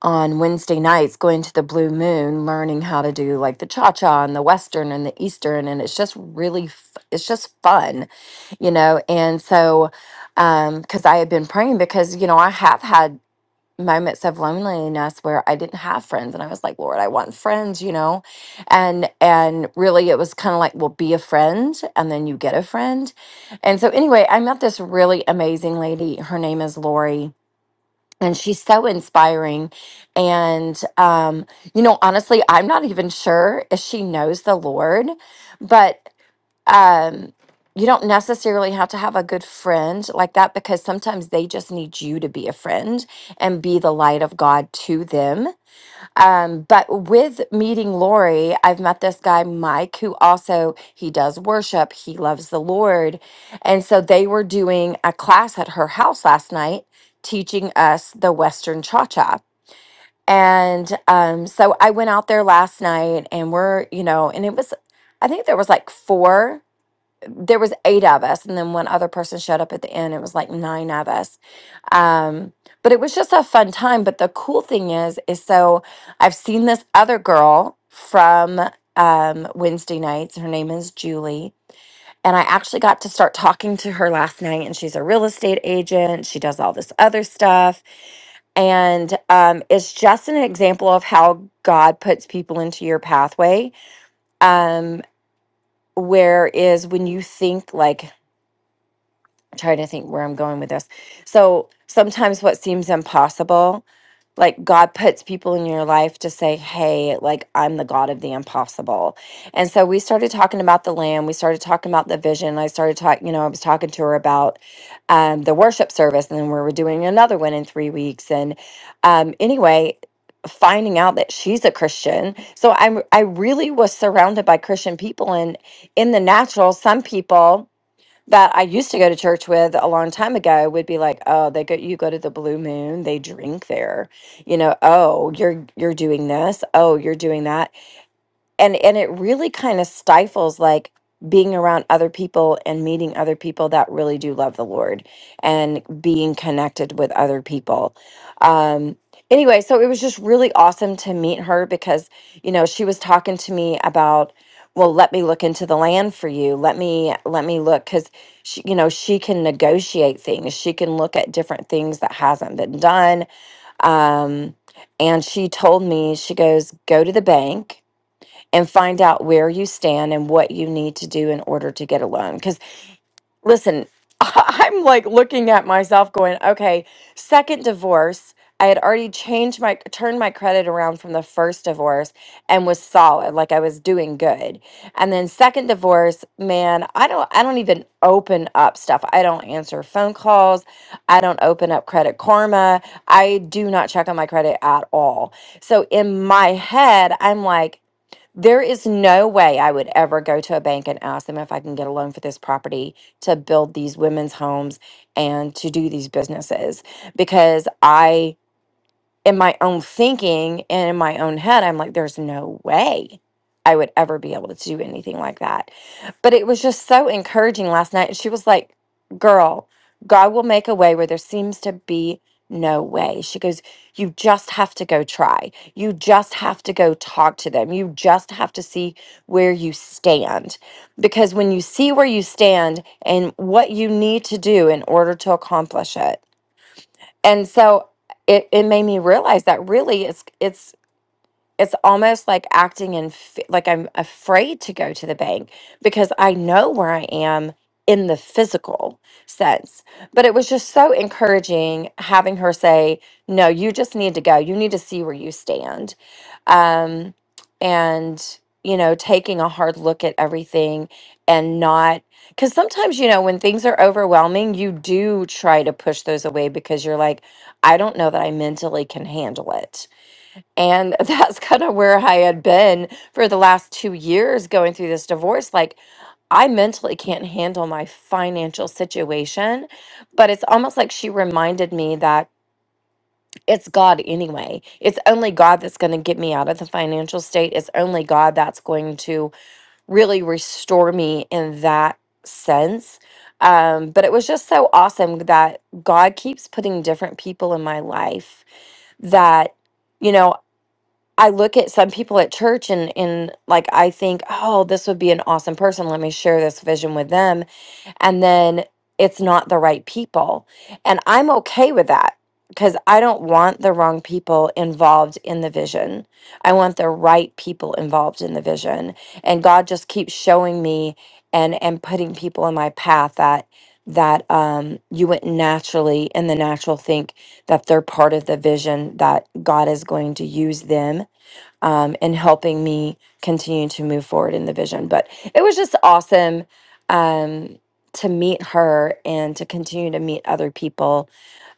[SPEAKER 8] on Wednesday nights going to the Blue Moon, learning how to do like the cha cha and the Western and the Eastern. And it's just really, f- it's just fun, you know? And so, um, because I had been praying, because, you know, I have had moments of loneliness where I didn't have friends. And I was like, Lord, I want friends, you know? And, and really it was kind of like, well, be a friend and then you get a friend. And so, anyway, I met this really amazing lady. Her name is Lori and she's so inspiring and um you know honestly i'm not even sure if she knows the lord but um you don't necessarily have to have a good friend like that because sometimes they just need you to be a friend and be the light of god to them um, but with meeting Lori, I've met this guy, Mike, who also he does worship, he loves the Lord. And so they were doing a class at her house last night teaching us the Western Cha Cha. And um, so I went out there last night and we're, you know, and it was I think there was like four, there was eight of us, and then one other person showed up at the end, it was like nine of us um but it was just a fun time but the cool thing is is so i've seen this other girl from um wednesday nights her name is julie and i actually got to start talking to her last night and she's a real estate agent she does all this other stuff and um it's just an example of how god puts people into your pathway um whereas when you think like trying to think where I'm going with this. So sometimes what seems impossible, like God puts people in your life to say, Hey, like I'm the God of the impossible. And so we started talking about the lamb. We started talking about the vision. I started talking, you know, I was talking to her about um, the worship service, and then we were doing another one in three weeks. And um, anyway, finding out that she's a Christian. So I I really was surrounded by Christian people and in the natural, some people that I used to go to church with a long time ago would be like, oh, they go, you go to the Blue Moon, they drink there, you know. Oh, you're you're doing this. Oh, you're doing that and and it really kind of stifles like being around other people and meeting other people that really do love the lord and being connected with other people um anyway so it was just really awesome to meet her because you know she was talking to me about well let me look into the land for you let me let me look because she you know she can negotiate things she can look at different things that hasn't been done um and she told me she goes go to the bank and find out where you stand and what you need to do in order to get a loan. Because listen, I'm like looking at myself going, okay, second divorce. I had already changed my turned my credit around from the first divorce and was solid, like I was doing good. And then second divorce, man, I don't I don't even open up stuff. I don't answer phone calls. I don't open up credit karma. I do not check on my credit at all. So in my head, I'm like there is no way I would ever go to a bank and ask them if I can get a loan for this property to build these women's homes and to do these businesses because I, in my own thinking and in my own head, I'm like, there's no way I would ever be able to do anything like that. But it was just so encouraging last night. And she was like, Girl, God will make a way where there seems to be no way. She goes, You just have to go try. You just have to go talk to them. You just have to see where you stand. Because when you see where you stand and what you need to do in order to accomplish it. And so it, it made me realize that really it's it's it's almost like acting in f- like I'm afraid to go to the bank because I know where I am in the physical sense. But it was just so encouraging having her say, "No, you just need to go. You need to see where you stand." Um and you know, taking a hard look at everything and not cuz sometimes you know when things are overwhelming, you do try to push those away because you're like, I don't know that I mentally can handle it and that's kind of where I had been for the last two years going through this divorce. Like, I mentally can't handle my financial situation, but it's almost like she reminded me that it's God anyway. It's only God that's going to get me out of the financial state. It's only God that's going to really restore me in that sense. Um, but it was just so awesome that God keeps putting different people in my life that. you know. I look at some people at church and and like I think, "Oh, this would be an awesome person. Let me share this vision with them." And then it's not the right people. And I'm okay with that because I don't want the wrong people involved in the vision. I want the right people involved in the vision. And God just keeps showing me and and putting people in my path that that um you would naturally in the natural think that they're part of the vision that God is going to use them um, and helping me continue to move forward in the vision. But it was just awesome um, to meet her and to continue to meet other people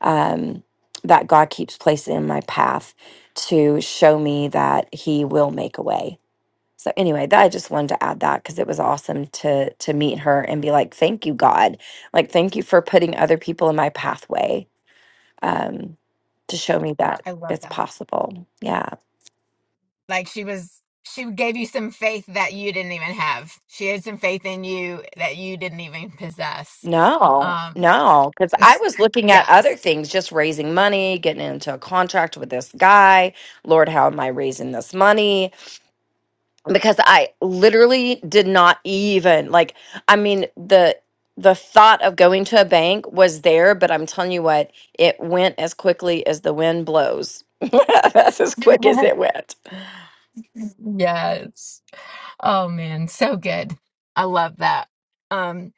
[SPEAKER 8] um, that God keeps placing in my path to show me that He will make a way. So anyway, that I just wanted to add that because it was awesome to to meet her and be like, "Thank you, God! Like, thank you for putting other people in my pathway um, to show me that
[SPEAKER 1] I love
[SPEAKER 8] it's
[SPEAKER 1] that.
[SPEAKER 8] possible." Yeah.
[SPEAKER 1] like she was she gave you some faith that you didn't even have she had some faith in you that you didn't even possess
[SPEAKER 8] No,
[SPEAKER 1] um
[SPEAKER 8] no, because I
[SPEAKER 1] it's-
[SPEAKER 8] was looking at other
[SPEAKER 1] yes
[SPEAKER 8] things, just raising money, getting into a contract with this guy. Lord, how am I raising this money? Because I literally did not even like, I mean, the the thought of going to a bank was there, but I'm telling you what, it went as quickly as the wind blows. That's as quick as it went.
[SPEAKER 1] yes oh man so good i love that um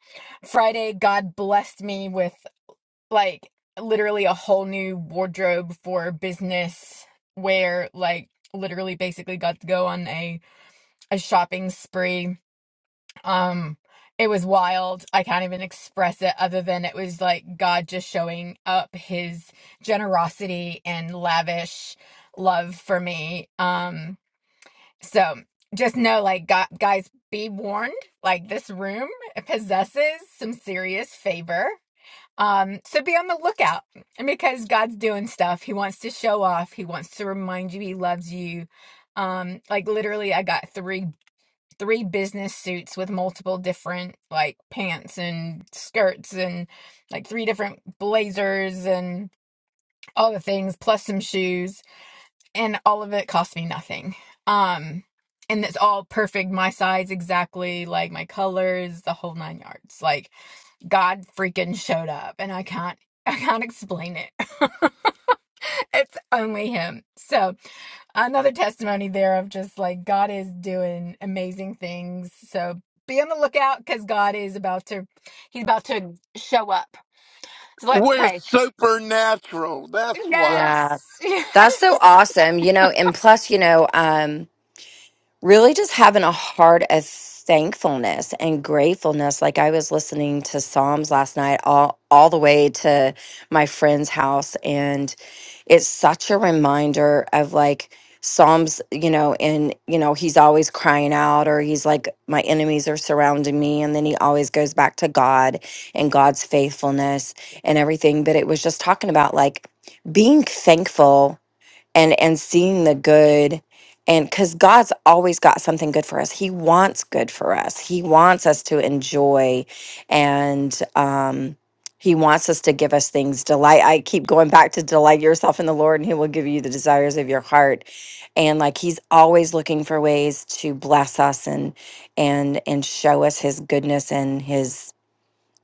[SPEAKER 1] friday god blessed me with like literally a whole new wardrobe for business where like literally basically got to go on a a shopping spree Um, it was wild. I can't even express it other than it was like God just showing up his generosity and lavish love for me. Um, so just know, like, gu guys, be warned, like, this room possesses some serious favor. Um, so be on the lookout because God's doing stuff. He wants to show off, He wants to remind you He loves you. Um, like literally, I got three three business suits with multiple different like pants and skirts and like three different blazers and all the things plus some shoes and all of it cost me nothing um and it's all perfect my size exactly like my colors the whole nine yards like God freaking showed up and I can't I can't explain it. it's only him. So, another testimony there of just like God is doing amazing things. So, be on the lookout cuz God is about to he's about to show up. So, let's
[SPEAKER 2] We're
[SPEAKER 1] pray.
[SPEAKER 2] supernatural. That's why.
[SPEAKER 8] Yeah.
[SPEAKER 1] Yes.
[SPEAKER 8] That's so
[SPEAKER 1] Yes.
[SPEAKER 8] awesome. You know, and plus, you know, um, really just having a heart of thankfulness and gratefulness like i was listening to psalms last night all all the way to my friend's house and it's such a reminder of like psalms you know and you know he's always crying out or he's like my enemies are surrounding me and then he always goes back to god and god's faithfulness and everything but it was just talking about like being thankful and and seeing the good and cuz God's always got something good for us. He wants good for us. He wants us to enjoy and um he wants us to give us things delight. I keep going back to delight yourself in the Lord and he will give you the desires of your heart. And like he's always looking for ways to bless us and and and show us his goodness and his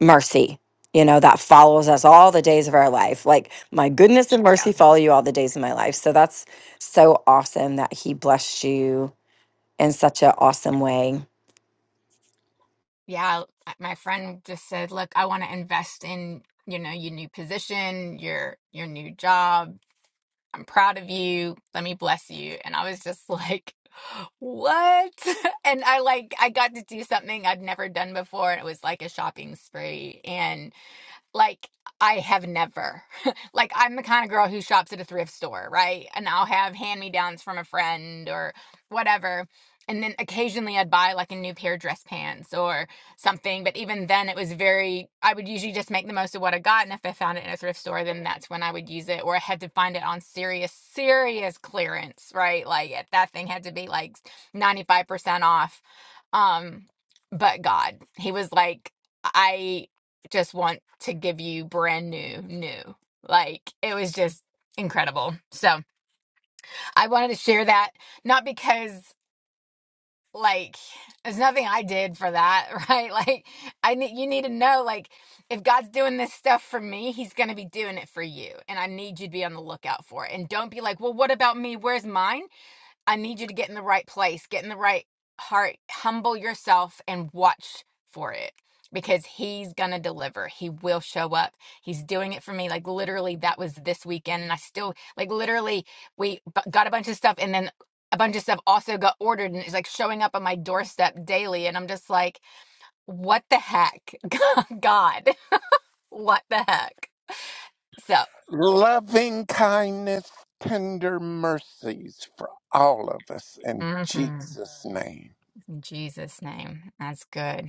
[SPEAKER 8] mercy, you know, that follows us all the days of our life. Like, my goodness and
[SPEAKER 1] Yeah.
[SPEAKER 8] mercy follow you all the days of my life. So that's so awesome that he blessed you in such an awesome way.
[SPEAKER 1] Yeah, my friend just said, "Look, I want to invest in, you know, your new position, your your new job, I'm proud of you. Let me bless you. And I was just like, what? And I like, I got to do something I'd never done before. And it was like a shopping spree. and like I have never. like I'm the kind of girl who shops at a thrift store, right? And I'll have hand-me-downs from a friend or whatever. And then occasionally I'd buy like a new pair of dress pants or something, but even then it was very I would usually just make the most of what I got and if I found it in a thrift store then that's when I would use it or I had to find it on serious serious clearance, right? Like it- that thing had to be like 95% off. Um but God, he was like I just want to give you brand new, new. Like it was just incredible. So I wanted to share that, not because like there's nothing I did for that, right? Like I need you need to know like if God's doing this stuff for me, he's going to be doing it for you. And I need you to be on the lookout for it. And don't be like, "Well, what about me? Where's mine?" I need you to get in the right place, get in the right heart, humble yourself and watch for it because he's going to deliver. He will show up. He's doing it for me. Like literally that was this weekend and I still like literally we bu- got a bunch of stuff and then a bunch of stuff also got ordered and it's like showing up on my doorstep daily and I'm just like what the heck? God, what the heck? So,
[SPEAKER 2] loving kindness, tender mercies for all of us in
[SPEAKER 1] mhm.
[SPEAKER 2] Jesus' name.
[SPEAKER 1] in Jesus name. That's good.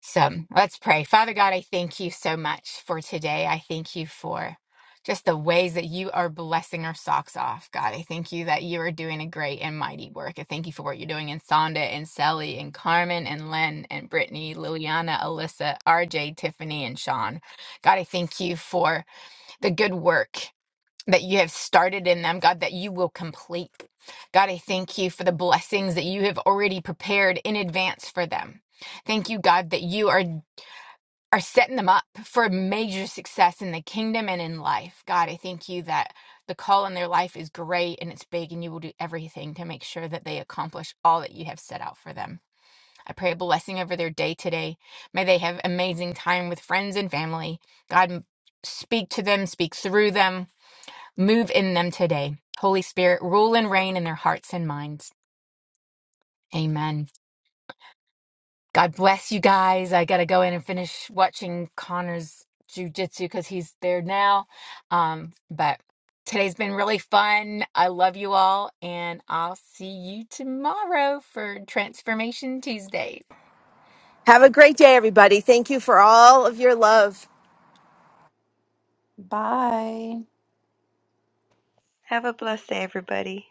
[SPEAKER 1] So let's pray. Father God, I thank you so much for today. I thank you for just the ways that you are blessing our socks off. God, I thank you that you are doing a great and mighty work. I thank you for what you're doing in Sonda and Sally and Carmen and Len and Brittany, Liliana, Alyssa, RJ, Tiffany, and Sean. God, I thank you for the good work that you have started in them, God, that you will complete. God, I thank you for the blessings that you have already prepared in advance for them. Thank you, God, that you are are setting them up for major success in the kingdom and in life. God, I thank you that the call in their life is great and it's big, and you will do everything to make sure that they accomplish all that you have set out for them. I pray a blessing over their day today. May they have amazing time with friends and family. God, m- speak to them, speak through them, move in them today. Holy Spirit, rule and reign in their hearts and minds. Amen. God bless you guys. I got to go in and finish watching Connor's jujitsu because he's there now. Um, but today's been really fun. I love you all, and I'll see you tomorrow for Transformation Tuesday.
[SPEAKER 9] Have a great day, everybody. Thank you for all of your love.
[SPEAKER 8] Bye.
[SPEAKER 5] Have a blessed day, everybody.